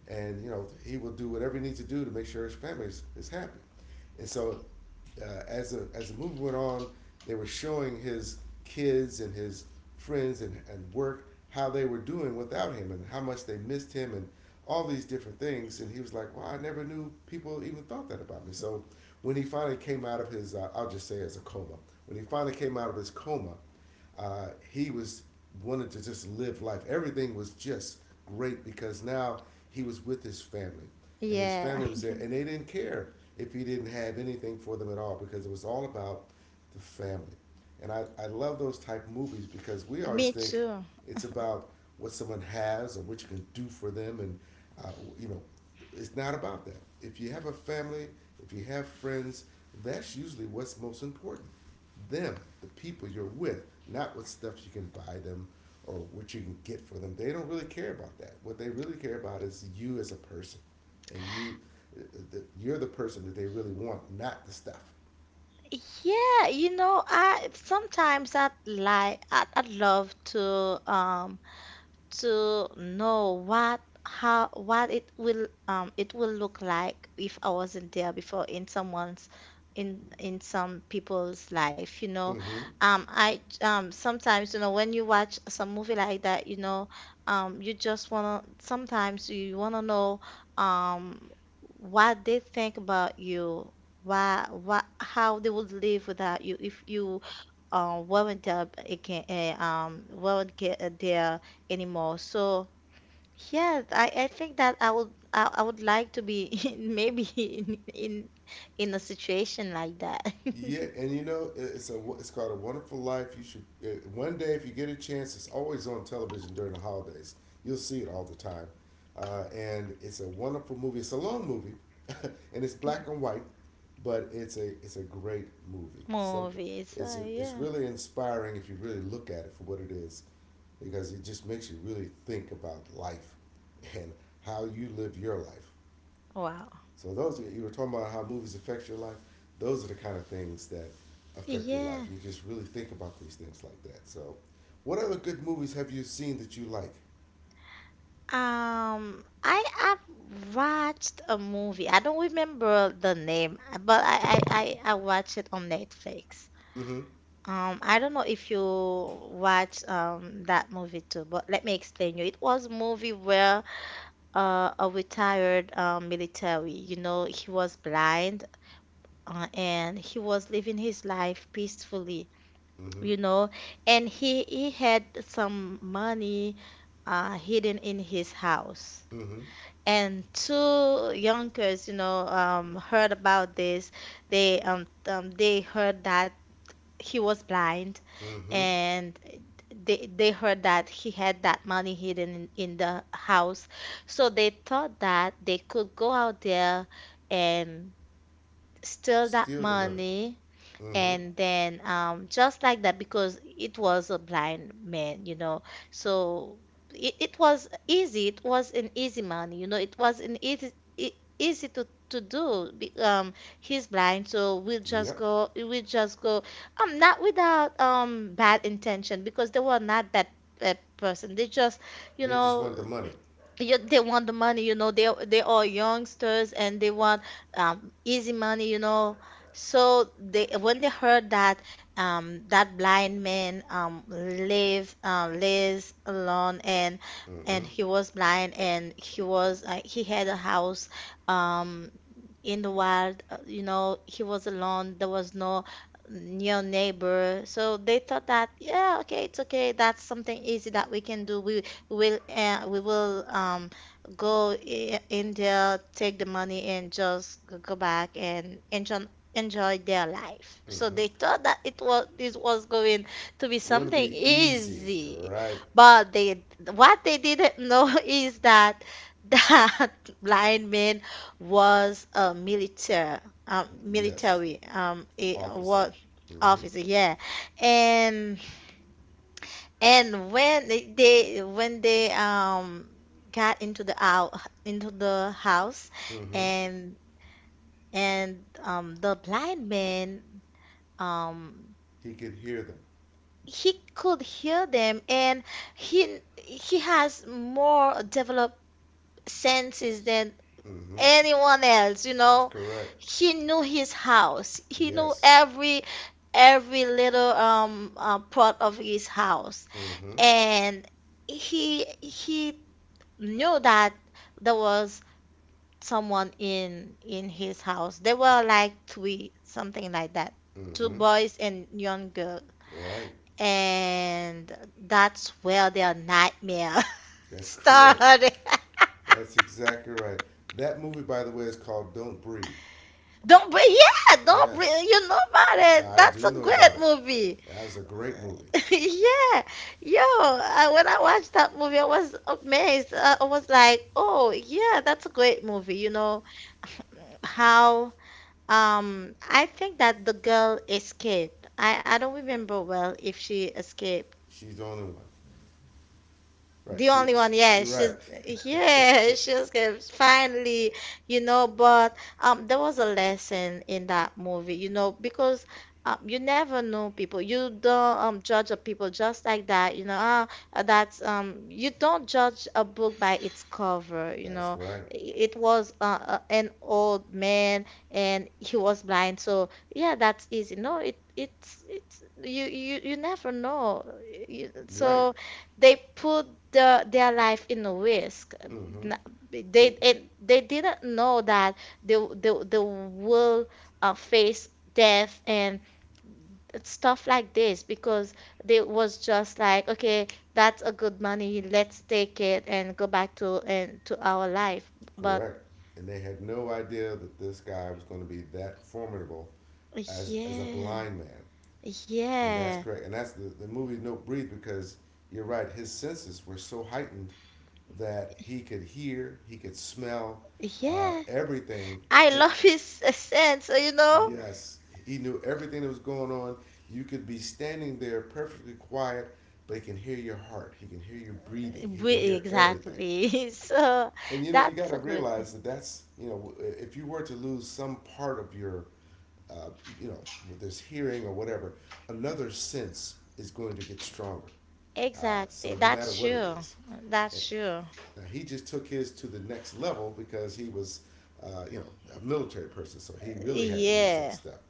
Speaker 2: and you know he will do whatever he needs to do to make sure his family is happy. And so as a as the movie went on, they were showing his kids and his friends and work how they were doing without him and how much they missed him and all these different things. And he was like, "Well, I never knew people even thought that about me." So when he finally came out of his, I'll just say, as a coma, when he finally came out of his coma, he was wanted to just live life. Everything was just great because now he was with his family, and his
Speaker 1: Yeah,
Speaker 2: family was there, and they didn't care if he didn't have anything for them at all because it was all about the family. And I love those type of movies because we
Speaker 1: (laughs)
Speaker 2: always
Speaker 1: me
Speaker 2: think
Speaker 1: too.
Speaker 2: it's about what someone has or what you can do for them, and uh, you know, it's not about that. If you have a family, if you have friends, that's usually what's most important them, the people you're with, not what stuff you can buy them or what you can get for them. They don't really care about that. What they really care about is you as a person, and uh, you're the person that they really want, not the stuff.
Speaker 1: Yeah, you know, I sometimes I like I love to know what, how, what it will look like if I wasn't there before in someone's, in some people's life, you know.
Speaker 2: Mm-hmm.
Speaker 1: I Sometimes, you know, when you watch some movie like that, you know, you just wanna, sometimes you wanna know um what they think about you, why, what, how they would live without you if you weren't there again, weren't get, there anymore. So yeah, I think that I would, I would like to be (laughs) in, maybe in a situation like that. (laughs)
Speaker 2: Yeah, and you know it's a it's called a Wonderful Life. You should one day if you get a chance, it's always on television during the holidays. You'll see it all the time, and it's a wonderful movie. It's a long movie, (laughs) and it's black and white, but it's a great movie. Something
Speaker 1: Movie. So
Speaker 2: it's it's
Speaker 1: yeah.
Speaker 2: really inspiring if you really look at it for what it is, because it just makes you really think about life and how you live your life.
Speaker 1: Wow.
Speaker 2: So those you were talking about how movies affect your life. Those are the kind of things that affect your life.
Speaker 1: Yeah.
Speaker 2: You just really think about these things like that. So, what other good movies have you seen that you like?
Speaker 1: I have watched a movie, I don't remember the name, but I watched it on Netflix.
Speaker 2: Mm-hmm.
Speaker 1: I don't know if you watch that movie too, but let me explain you. It was a movie where a retired military. You know, he was blind, and he was living his life peacefully,
Speaker 2: Mm-hmm.
Speaker 1: you know, and he had some money hidden in his house.
Speaker 2: Mm-hmm.
Speaker 1: And two Yonkers, you know, heard about this. They heard that he was blind,
Speaker 2: Mm-hmm.
Speaker 1: and they heard that he had that money hidden in the house. So they thought that they could go out there and steal that
Speaker 2: Steal the money.
Speaker 1: money,
Speaker 2: Mm-hmm.
Speaker 1: and then, just like that, because it was a blind man, you know. So it was easy. It was an easy money, you know. It was an easy, easy to do. He's blind, so
Speaker 2: Yep.
Speaker 1: we'll just go, not without bad intention, because they were not bad person. They just, you
Speaker 2: They just
Speaker 1: know,
Speaker 2: want the money.
Speaker 1: you, they want the money, you know, they are youngsters, and they want easy money, you know. So they, when they heard that that blind man lives alone, and
Speaker 2: Mm-hmm.
Speaker 1: he was blind, and he was he had a house um, in the wild, you know, he was alone. There was no near neighbor. So they thought that, yeah, okay, it's okay. That's something easy that we can do. We will go in there, take the money, and just go back and enjoy their life. So they
Speaker 2: Mm-hmm.
Speaker 1: thought that it was this was going to be
Speaker 2: Going to
Speaker 1: something
Speaker 2: be easy,
Speaker 1: easy,
Speaker 2: right?
Speaker 1: but they, what they didn't know (laughs) is that that (laughs) blind man was a military,
Speaker 2: Yes.
Speaker 1: military a,
Speaker 2: Officer.
Speaker 1: what
Speaker 2: Mm-hmm.
Speaker 1: officer. Yeah. And when when they got into the out into the house.
Speaker 2: Mm-hmm.
Speaker 1: and and the blind man, um
Speaker 2: He could hear them.
Speaker 1: he could hear them, and he has more developed senses than
Speaker 2: Mm-hmm.
Speaker 1: anyone else, you
Speaker 2: That's
Speaker 1: know.
Speaker 2: correct.
Speaker 1: He knew his house. He knew
Speaker 2: Yes.
Speaker 1: every little part of his house.
Speaker 2: Mm-hmm.
Speaker 1: And he knew that there was someone in his house. They were like three, something like that, two
Speaker 2: Mm-hmm.
Speaker 1: boys and young girl,
Speaker 2: Right.
Speaker 1: and that's where their nightmare (laughs)
Speaker 2: That's correct.
Speaker 1: started.
Speaker 2: That's exactly right. That movie, by the way, is called Don't Breathe.
Speaker 1: Don't bring, yeah, don't bring,
Speaker 2: Yes,
Speaker 1: you know about it.
Speaker 2: I
Speaker 1: That's
Speaker 2: do
Speaker 1: a
Speaker 2: know
Speaker 1: great
Speaker 2: about it.
Speaker 1: movie.
Speaker 2: That was a great movie.
Speaker 1: (laughs) Yeah, yo, when I watched that movie, I was amazed. I was like, oh, yeah, that's a great movie. You know, (laughs) how, I think that the girl escaped. I don't remember well if she escaped,
Speaker 2: She's the only one. Right.
Speaker 1: the
Speaker 2: She.
Speaker 1: only
Speaker 2: she
Speaker 1: one, yeah,
Speaker 2: you're right.
Speaker 1: she's, yeah, (laughs) she's good, finally, you know. But there was a lesson in that movie, you know, because you never know people. You don't judge a people just like that, you know. Ah, that's you don't judge a book by its cover,
Speaker 2: (laughs)
Speaker 1: you
Speaker 2: That's
Speaker 1: know.
Speaker 2: right.
Speaker 1: It was an old man, and he was blind, so yeah, that's easy. No, it's you you never know. You,
Speaker 2: Right.
Speaker 1: so they put the, their life in a risk.
Speaker 2: Mm-hmm.
Speaker 1: N-
Speaker 2: T-
Speaker 1: They, it, they didn't know that they will face death and stuff like this because they was just like, okay, that's a good money, let's take it and go back to our life. But
Speaker 2: correct. And they had no idea that this guy was going to be that formidable as a
Speaker 1: yeah,
Speaker 2: blind man. And that's
Speaker 1: yeah,
Speaker 2: correct. And that's the movie No Breathe because you're right, his senses were so heightened that he could hear, he could smell
Speaker 1: yeah.
Speaker 2: everything.
Speaker 1: I
Speaker 2: And
Speaker 1: love his (laughs) sense, you know?
Speaker 2: yes, he knew everything that was going on. You could be standing there perfectly quiet, but he can hear your heart, he can hear your breathing, he can
Speaker 1: We,
Speaker 2: hear everything.
Speaker 1: exactly. (laughs) So
Speaker 2: And you know, you got
Speaker 1: that's
Speaker 2: to
Speaker 1: a good.
Speaker 2: realize that that's, you know, if you were to lose some part of your, uh, you know, this hearing or whatever, another sense is going to get stronger. Uh,
Speaker 1: Exactly.
Speaker 2: so no matter
Speaker 1: That's
Speaker 2: what it
Speaker 1: true.
Speaker 2: is, and
Speaker 1: That's true.
Speaker 2: he just took his to the next level because he was, you know, a military person. So he really had to use that
Speaker 1: Yeah.
Speaker 2: stuff. (laughs)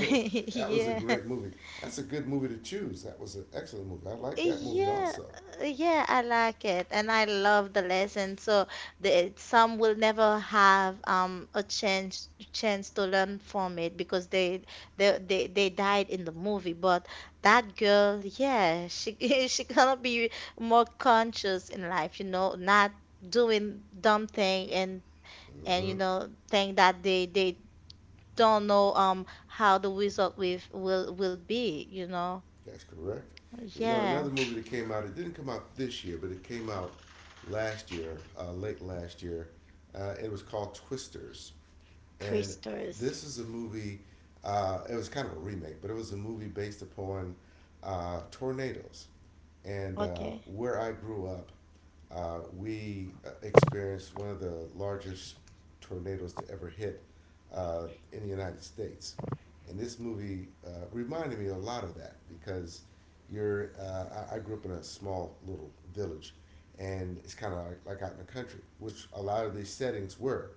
Speaker 2: So that was a
Speaker 1: Yeah.
Speaker 2: great movie. That's a good movie to choose. That was an excellent movie. I like that movie
Speaker 1: Yeah.
Speaker 2: also.
Speaker 1: Yeah, I like it. And I love the lesson. So the some will never have a chance to learn from it because they died in the movie. But that girl, yeah, she (laughs) she gonna be more conscious in life, you know, not doing dumb thing, and you
Speaker 2: hmm
Speaker 1: know, thing that they don't know how the result with will be, you know.
Speaker 2: That's correct. You know,
Speaker 1: Yeah.
Speaker 2: another movie that came out. It didn't come out this year, but it came out last year, late last year. It was called Twisters. And
Speaker 1: Twisters.
Speaker 2: this is a movie. It was kind of a remake, but it was a movie based upon tornadoes. And
Speaker 1: Okay.
Speaker 2: where I grew up, we experienced one of the largest tornadoes to ever hit in the United States. And this movie reminded me a lot of that because you're, I grew up in a small little village and it's kind of like out in the country, which a lot of these settings were.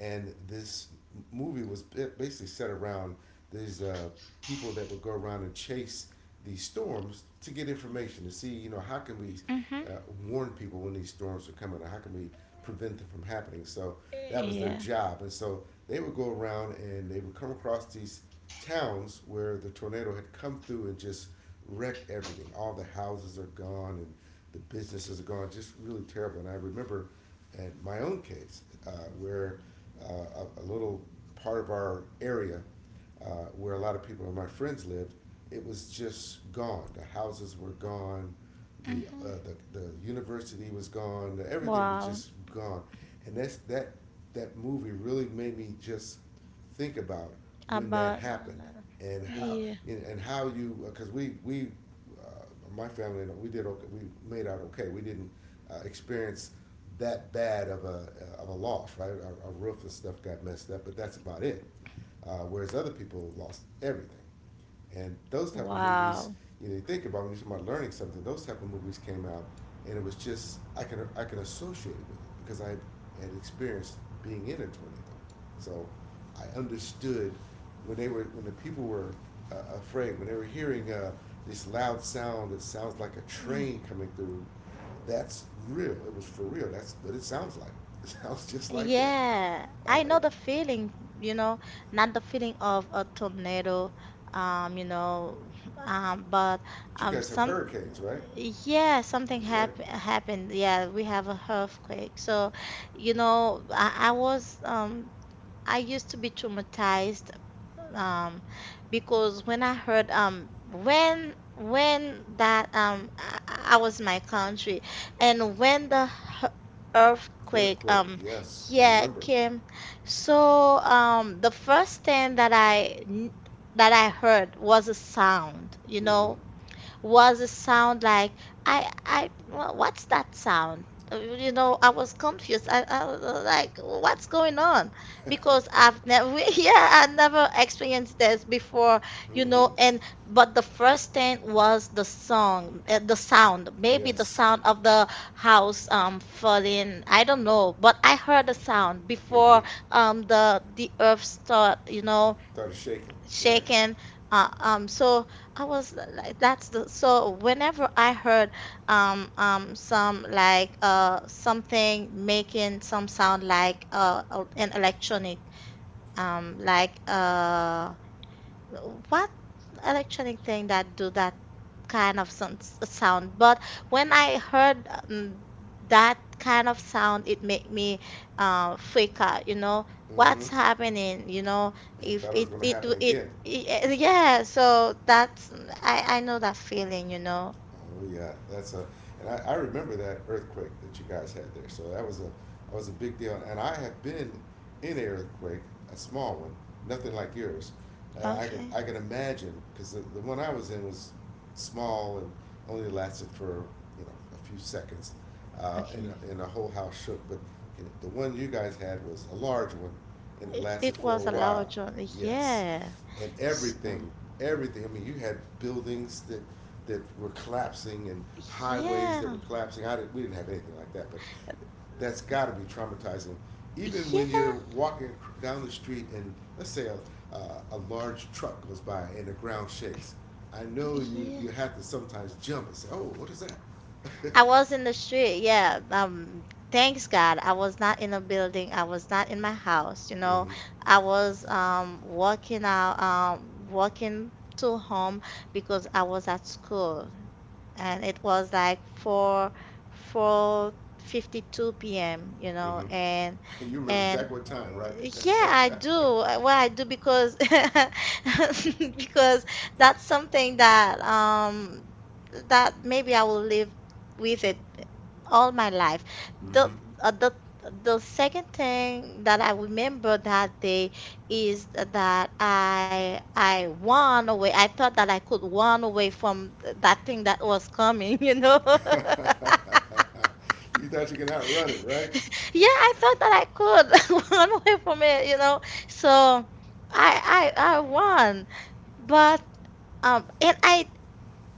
Speaker 2: And this movie was basically set around these people that would go around and chase these storms to get information to see you know how can we
Speaker 1: Mm-hmm.
Speaker 2: uh, warn people when these storms are coming or how can we prevent them from happening so that was their
Speaker 1: Yeah.
Speaker 2: job and so they would go around and they would come across these towns where the tornado had come through and just wrecked everything all the houses are gone and the businesses are gone just really terrible and I remember at my own case where a little part of our area uh, where a lot of people of my friends lived it was just gone. The houses were gone. The,
Speaker 1: Mm-hmm.
Speaker 2: the university was gone. Everything was
Speaker 1: Wow.
Speaker 2: just gone, and that that movie really made me just think about when that
Speaker 1: About.
Speaker 2: happened and how
Speaker 1: Yeah.
Speaker 2: and how you because we uh, my family we did okay, we made out okay, we didn't experience that bad of a loss, right? Our roof and stuff got messed up, but that's about it. Whereas other people lost everything, and those type of movies,
Speaker 1: Wow.
Speaker 2: you think about when you're talking about learning something, those type of movies came out, and it was just I can associate it with it because I had experienced being in a tornado, so I understood when they were when the people were afraid when they were hearing this loud sound that sounds like a train coming through. That's real. It was for real. That's what it sounds like. (laughs) It sounds just like that.
Speaker 1: Yeah,
Speaker 2: Uh,
Speaker 1: I know
Speaker 2: it-
Speaker 1: the feeling, you know, not the feeling of a tornado, you know, but
Speaker 2: you guys have
Speaker 1: some.
Speaker 2: hurricanes, right?
Speaker 1: Yeah, something
Speaker 2: Right.
Speaker 1: happened. Yeah, we have a earthquake. So, you know, I was I used to be traumatized um because when I heard when that I was in my country, and when the h- earthquake
Speaker 2: Earthquake. Yes, I
Speaker 1: yeah
Speaker 2: remember.
Speaker 1: came. So the first thing that I heard was a sound, you
Speaker 2: Mm-hmm.
Speaker 1: know, was a sound like, what's that sound? You know, I was confused. I was like, what's going on? Because
Speaker 2: (laughs)
Speaker 1: I've never, (laughs) yeah, I never experienced this before, you
Speaker 2: Mm-hmm.
Speaker 1: know. And but the first thing was the song, the sound, maybe the
Speaker 2: Yes.
Speaker 1: sound of the house falling, I don't know, but I heard a sound
Speaker 2: Mm-hmm.
Speaker 1: before the earth start, you know,
Speaker 2: Started shaking. Right.
Speaker 1: shaken. So I was like, that's the, so whenever I heard some like something making some sound like an electronic, um like uh what electronic thing that do that kind of sound. But when I heard that kind of sound, it made me freak out, you know,
Speaker 2: Mm-hmm.
Speaker 1: what's happening, you know,
Speaker 2: She
Speaker 1: if
Speaker 2: thought it was
Speaker 1: it,
Speaker 2: going to happen again.
Speaker 1: it, yeah, so that's, I know that feeling, you know.
Speaker 2: Oh yeah, that's a, and I remember that earthquake that you guys had there. So that was a big deal. And I have been in an earthquake, a small one, nothing like yours. And
Speaker 1: Okay.
Speaker 2: I can imagine because the one I was in was small and only lasted for you know a few seconds,
Speaker 1: Okay.
Speaker 2: and the whole house shook. But the one you guys had was a large one, and it
Speaker 1: it,
Speaker 2: lasted
Speaker 1: it
Speaker 2: for a
Speaker 1: was a loud
Speaker 2: while.
Speaker 1: journey.
Speaker 2: Yes,
Speaker 1: Yeah.
Speaker 2: and
Speaker 1: So
Speaker 2: everything, everything. I mean, you had buildings that that were collapsing and highways that
Speaker 1: yeah,
Speaker 2: were collapsing. I didn't, we didn't have anything like that, but that's got to be traumatizing. Even when
Speaker 1: yeah,
Speaker 2: you're walking down the street and let's say a large truck goes by and the ground shakes, I know you,
Speaker 1: yeah.
Speaker 2: you have to sometimes jump and say, "Oh, what is that?"
Speaker 1: I was in
Speaker 2: (laughs)
Speaker 1: the street, yeah. Thanks God, I was not in a building. I was not in my house, you know.
Speaker 2: Mm-hmm.
Speaker 1: I was walking out, walking to home because I was at school, and it was like four fifty two p.m. You know.
Speaker 2: Mm-hmm.
Speaker 1: and
Speaker 2: And you remember
Speaker 1: and
Speaker 2: exactly what time, right?
Speaker 1: yeah,
Speaker 2: (laughs)
Speaker 1: I do. Well, I do because (laughs) because that's something that that maybe I will live with it all my life. The
Speaker 2: Mm-hmm.
Speaker 1: uh, the the second thing that I remember that day is that I won away. I thought that I could run away from that thing that was coming, (laughs) you know.
Speaker 2: (laughs) You thought you could outrun it, right?
Speaker 1: Yeah, I thought that I could (laughs) run away from it, you know. So I won. But and I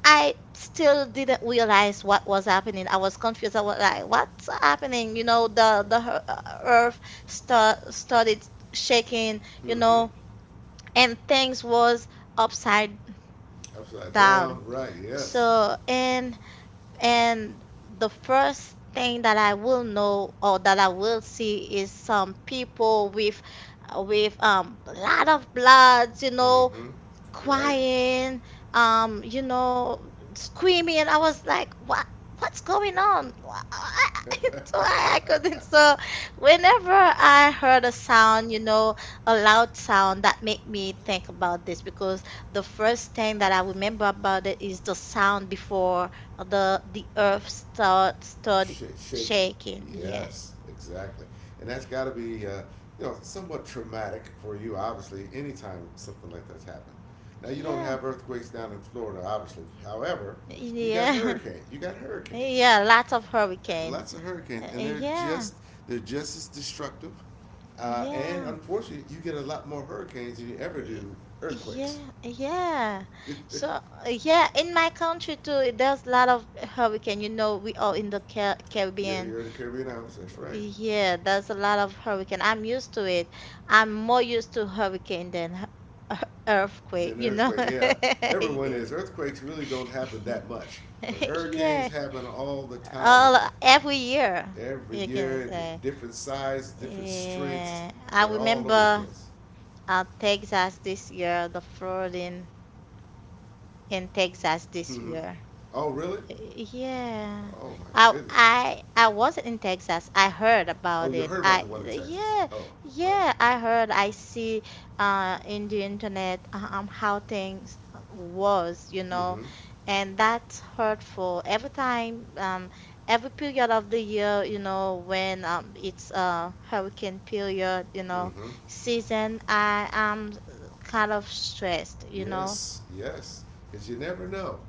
Speaker 1: still didn't realize what was happening. I was confused. I was like, "What's happening?" You know, the earth started shaking, you
Speaker 2: Mm-hmm.
Speaker 1: know, and things was upside
Speaker 2: Upside
Speaker 1: down.
Speaker 2: down, right? Yes.
Speaker 1: So and the first thing that I will know or that I will see is some people with, lot of bloods, you know,
Speaker 2: Mm-hmm. Right.
Speaker 1: crying, you know, screaming. And I was like, what? What's going on? (laughs) So
Speaker 2: (laughs)
Speaker 1: I couldn't. So whenever I heard a sound, you know, a loud sound, that made me think about this because the first thing that I remember about it is the sound before the earth started
Speaker 2: Shaking.
Speaker 1: shaking. Yeah,
Speaker 2: Yes, exactly. And that's got to be, you know, somewhat traumatic for you, obviously, anytime something like that's happened. Now, you don't
Speaker 1: yeah,
Speaker 2: have earthquakes down in Florida, obviously. However, you got
Speaker 1: yeah,
Speaker 2: hurricanes. You got
Speaker 1: (laughs)
Speaker 2: hurricanes.
Speaker 1: yeah. Lots of hurricane.
Speaker 2: Lots of hurricanes, and
Speaker 1: Yeah,
Speaker 2: they're just as destructive. And
Speaker 1: yeah.
Speaker 2: unfortunately, you get a lot more hurricanes than you ever
Speaker 1: Y-
Speaker 2: do earthquakes.
Speaker 1: Yeah, yeah.
Speaker 2: (laughs) you're,
Speaker 1: So yeah, in my country too, there's a lot of hurricane. You know, we are in the Caribbean.
Speaker 2: you're in the Caribbean Islands, that's right.
Speaker 1: Yeah, there's a lot of hurricane. I'm used to it. I'm more used to hurricane than (laughs) earthquake,
Speaker 2: Then
Speaker 1: you know.
Speaker 2: earthquake, yeah.
Speaker 1: (laughs)
Speaker 2: Everyone
Speaker 1: Yeah.
Speaker 2: is. Earthquakes really don't happen that much, but
Speaker 1: (laughs)
Speaker 2: hurricanes
Speaker 1: Yeah.
Speaker 2: happen all the time.
Speaker 1: All every year,
Speaker 2: Every
Speaker 1: you can
Speaker 2: year,
Speaker 1: say.
Speaker 2: different size, different strengths.
Speaker 1: Yeah. I
Speaker 2: They're all over the
Speaker 1: remember
Speaker 2: place.
Speaker 1: Texas this year, the flooding in Texas this
Speaker 2: Hmm.
Speaker 1: year.
Speaker 2: Oh, really?
Speaker 1: Yeah.
Speaker 2: Oh, my
Speaker 1: I
Speaker 2: goodness.
Speaker 1: I I wasn't in Texas. I heard
Speaker 2: Oh,
Speaker 1: about
Speaker 2: you
Speaker 1: it.
Speaker 2: heard about
Speaker 1: I
Speaker 2: the one in Texas.
Speaker 1: Yeah,
Speaker 2: Oh, right.
Speaker 1: yeah, I heard. I see in the internet how things was, you know,
Speaker 2: Mm-hmm.
Speaker 1: and that's hurtful. Every period of the year, you know, when it's hurricane period, you know,
Speaker 2: Mm-hmm.
Speaker 1: season, I am kind of stressed, you know.
Speaker 2: Yes. Yes. Because you never know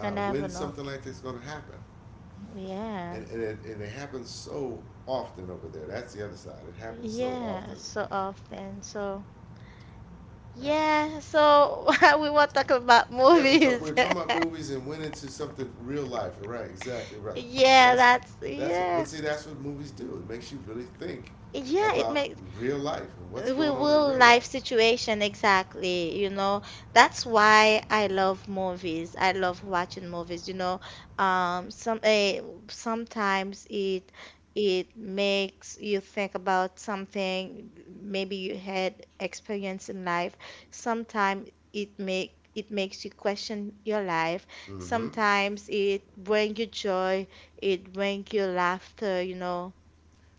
Speaker 1: You never
Speaker 2: when
Speaker 1: know.
Speaker 2: something like this is going to happen, and
Speaker 1: Yeah.
Speaker 2: and it, and it happens so often over there. That's the other side. It happens so
Speaker 1: Yeah,
Speaker 2: often.
Speaker 1: so often. So,
Speaker 2: Yeah.
Speaker 1: yeah, so (laughs) we want to talk about
Speaker 2: Yeah, we talk, we
Speaker 1: movies.
Speaker 2: were
Speaker 1: (laughs)
Speaker 2: talking about movies and went into something real life. Right, exactly right.
Speaker 1: Yeah,
Speaker 2: That's
Speaker 1: that's
Speaker 2: that's what,
Speaker 1: yeah.
Speaker 2: but see that's what movies do. It makes you really think
Speaker 1: Yeah, it
Speaker 2: about
Speaker 1: makes
Speaker 2: real life and what's
Speaker 1: We
Speaker 2: going on in
Speaker 1: will
Speaker 2: real
Speaker 1: life
Speaker 2: life.
Speaker 1: situation exactly, you know, that's why I love movies. I love watching movies, you know. um some eh, Sometimes it makes you think about something. Maybe you had experience in life. Sometimes it makes you question your life.
Speaker 2: Mm-hmm.
Speaker 1: Sometimes it bring you joy, it bring you laughter, you know.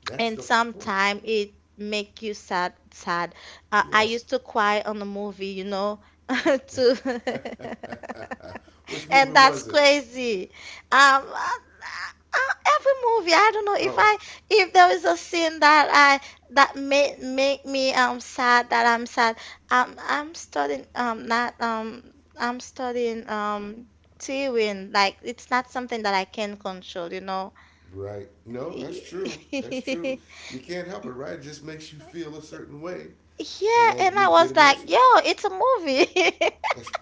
Speaker 2: That's
Speaker 1: And
Speaker 2: the point.
Speaker 1: sometimes it make you sad. I
Speaker 2: Yes.
Speaker 1: used to cry on a movie, you know. (laughs) to
Speaker 2: (laughs) Which
Speaker 1: (laughs)
Speaker 2: movie
Speaker 1: And that's
Speaker 2: was it?
Speaker 1: crazy. um uh, every movie, I don't know,
Speaker 2: Oh,
Speaker 1: if there is a scene that I that make make me sad, that I'm sad. Um I'm studying not I'm studying Tearing, like, it's not something that I can control, you know.
Speaker 2: right. No, that's true. That's true.
Speaker 1: (laughs)
Speaker 2: You can't help it, right? It just makes you feel a certain way,
Speaker 1: Yeah,
Speaker 2: and
Speaker 1: and
Speaker 2: you
Speaker 1: I
Speaker 2: get
Speaker 1: was like, yo,
Speaker 2: emotional.
Speaker 1: it's a movie. (laughs)
Speaker 2: That's,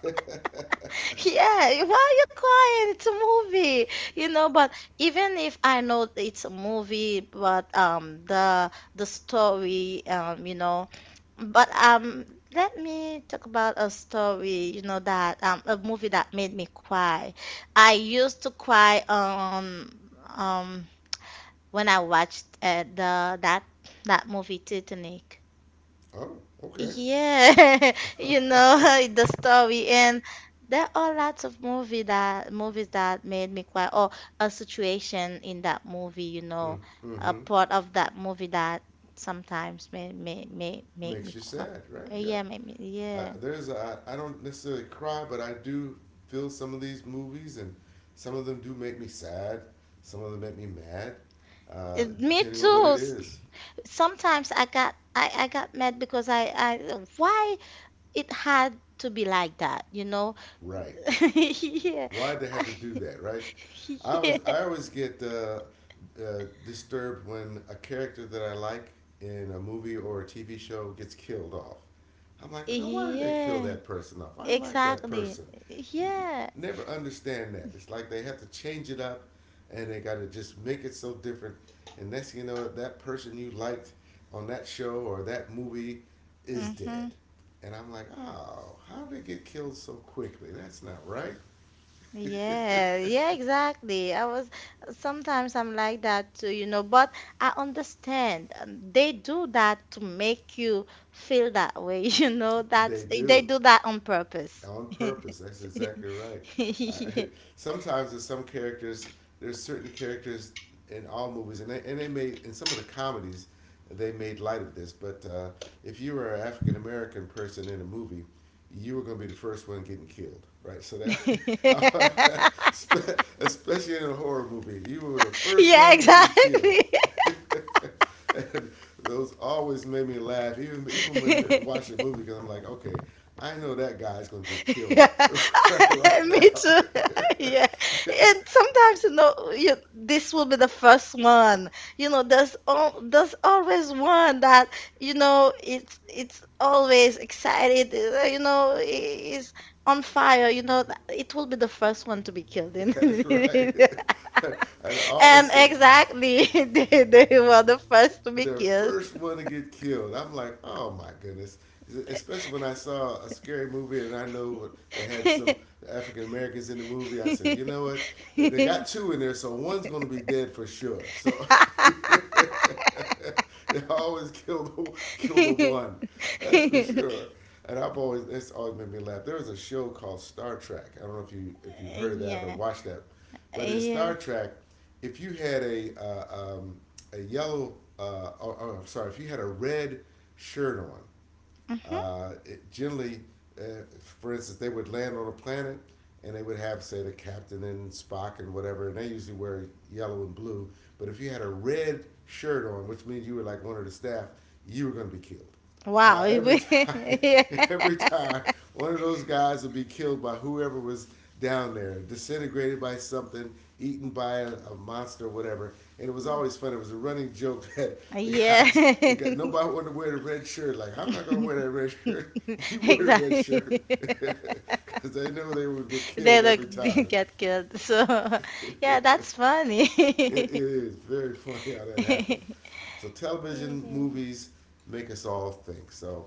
Speaker 1: Yeah, why are you crying? It's a movie. You know, but even if I know that it's a movie, but the story, you know, but let me talk about a story, you know, that a movie that made me cry. I used to cry um when I watched the that that movie Titanic.
Speaker 2: oh, okay.
Speaker 1: Yeah, (laughs) you
Speaker 2: (laughs)
Speaker 1: know, (laughs) the story. And there are lots of movies that made me cry, or a situation in that movie, you know,
Speaker 2: Mm,
Speaker 1: a
Speaker 2: hmm.
Speaker 1: part of that movie that sometimes may make me
Speaker 2: Makes you
Speaker 1: cry.
Speaker 2: sad, right? Yeah.
Speaker 1: Yeah, make me,
Speaker 2: I,
Speaker 1: yeah.
Speaker 2: there's a, I don't necessarily cry, but I do feel some of these movies, and some of them do make me sad. Some of them make me mad,
Speaker 1: Me
Speaker 2: depending on
Speaker 1: too.
Speaker 2: what it is.
Speaker 1: Sometimes I got mad because I why it had to be like that, you know?
Speaker 2: Right.
Speaker 1: (laughs) Yeah.
Speaker 2: Why'd they have to do that, right? I always get disturbed when a character that I like in a movie or a TV show gets killed off. I'm like, well, now why did they kill
Speaker 1: Yeah,
Speaker 2: that person off? I like that
Speaker 1: exactly.
Speaker 2: person.
Speaker 1: Yeah.
Speaker 2: Never understand that. It's like they have to change it up, and they got to just make it so different. And next thing you know, that person you liked on that show or that movie is dead.
Speaker 1: Mm-hmm.
Speaker 2: And I'm like, oh, how did they get killed so quickly? That's not right.
Speaker 1: Yeah, yeah, exactly. I was, sometimes I'm like that too, you know, but I understand. They do that to make you feel that way, (laughs) you know,
Speaker 2: They
Speaker 1: that's, they
Speaker 2: do.
Speaker 1: do that on purpose.
Speaker 2: On purpose. That's exactly right. Uh,
Speaker 1: (laughs)
Speaker 2: (laughs) Sometimes there's some characters, there's certain characters in all movies, and they made in some of the comedies, they made light of this. But if you were an African American person in a movie, you were going to be the first one getting killed, right? So that, (laughs) especially in a horror movie, you were the first
Speaker 1: Yeah,
Speaker 2: one getting killed.
Speaker 1: exactly.
Speaker 2: (laughs) And those always made me laugh, even when watching the movie, because I'm like, okay, I know that guy's gonna get killed
Speaker 1: Yeah,
Speaker 2: (laughs)
Speaker 1: (laughs)
Speaker 2: right
Speaker 1: me
Speaker 2: now.
Speaker 1: too. (laughs) Yeah,
Speaker 2: (laughs)
Speaker 1: and sometimes, you know, you, this will be the first one. You know, there's always one that, you know, it's always excited. You know, is on fire. You know, that it will be the first one to be killed. In,
Speaker 2: That's right. (laughs) I
Speaker 1: (laughs)
Speaker 2: always
Speaker 1: and
Speaker 2: said,
Speaker 1: exactly, (laughs) they were the first to be
Speaker 2: the
Speaker 1: killed.
Speaker 2: first one to get killed. I'm like, oh my goodness. Especially when I saw a scary movie and I know they had some African Americans in the movie. I said, you know what? They got
Speaker 1: (laughs) (laughs)
Speaker 2: two in there, so one's going to be dead for sure. So (laughs) they always kill the one. That's for sure. And I've always that's always made me laugh. There was a show called Star Trek. I don't know if you if you've heard of that or
Speaker 1: Yeah.
Speaker 2: watched that, but in
Speaker 1: Yeah.
Speaker 2: Star Trek, if you had a yellow or, sorry, if you had a red shirt on
Speaker 1: Mm-hmm.
Speaker 2: it generally, uh, for instance, they would land on a planet and they would have, say, the captain and Spock and whatever, and they usually wear yellow and blue. But if you had a red shirt on, which means you were like one of the staff, you were going to be killed.
Speaker 1: Wow.
Speaker 2: Every time,
Speaker 1: (laughs)
Speaker 2: (laughs) every
Speaker 1: Yeah.
Speaker 2: time, one of those guys would be killed by whoever was down there, disintegrated by something, eaten by a monster, whatever, and it was always fun. It was a running joke (laughs) that the guys,
Speaker 1: Yeah,
Speaker 2: they got nobody wanted to wear the red shirt. Like I'm not gonna wear that red shirt. (laughs) You
Speaker 1: (laughs)
Speaker 2: wear the red shirt
Speaker 1: exactly. (laughs)
Speaker 2: because (laughs) they knew they would get
Speaker 1: They
Speaker 2: killed
Speaker 1: like
Speaker 2: every time.
Speaker 1: (laughs) get killed. So, (laughs)
Speaker 2: (laughs)
Speaker 1: yeah,
Speaker 2: it,
Speaker 1: that's
Speaker 2: it
Speaker 1: funny. (laughs)
Speaker 2: is very funny how that happened. So television, movies make us all think. So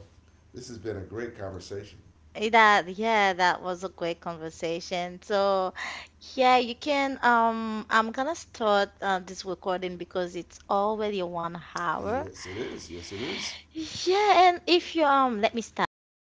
Speaker 2: this has been a great conversation.
Speaker 1: Eh, That Yeah, that was a great conversation. So, yeah, you can I'm gonna start this recording because it's already 1 hour.
Speaker 2: Yes, it is. Yes, it is.
Speaker 1: Yeah, and if you let me stop it.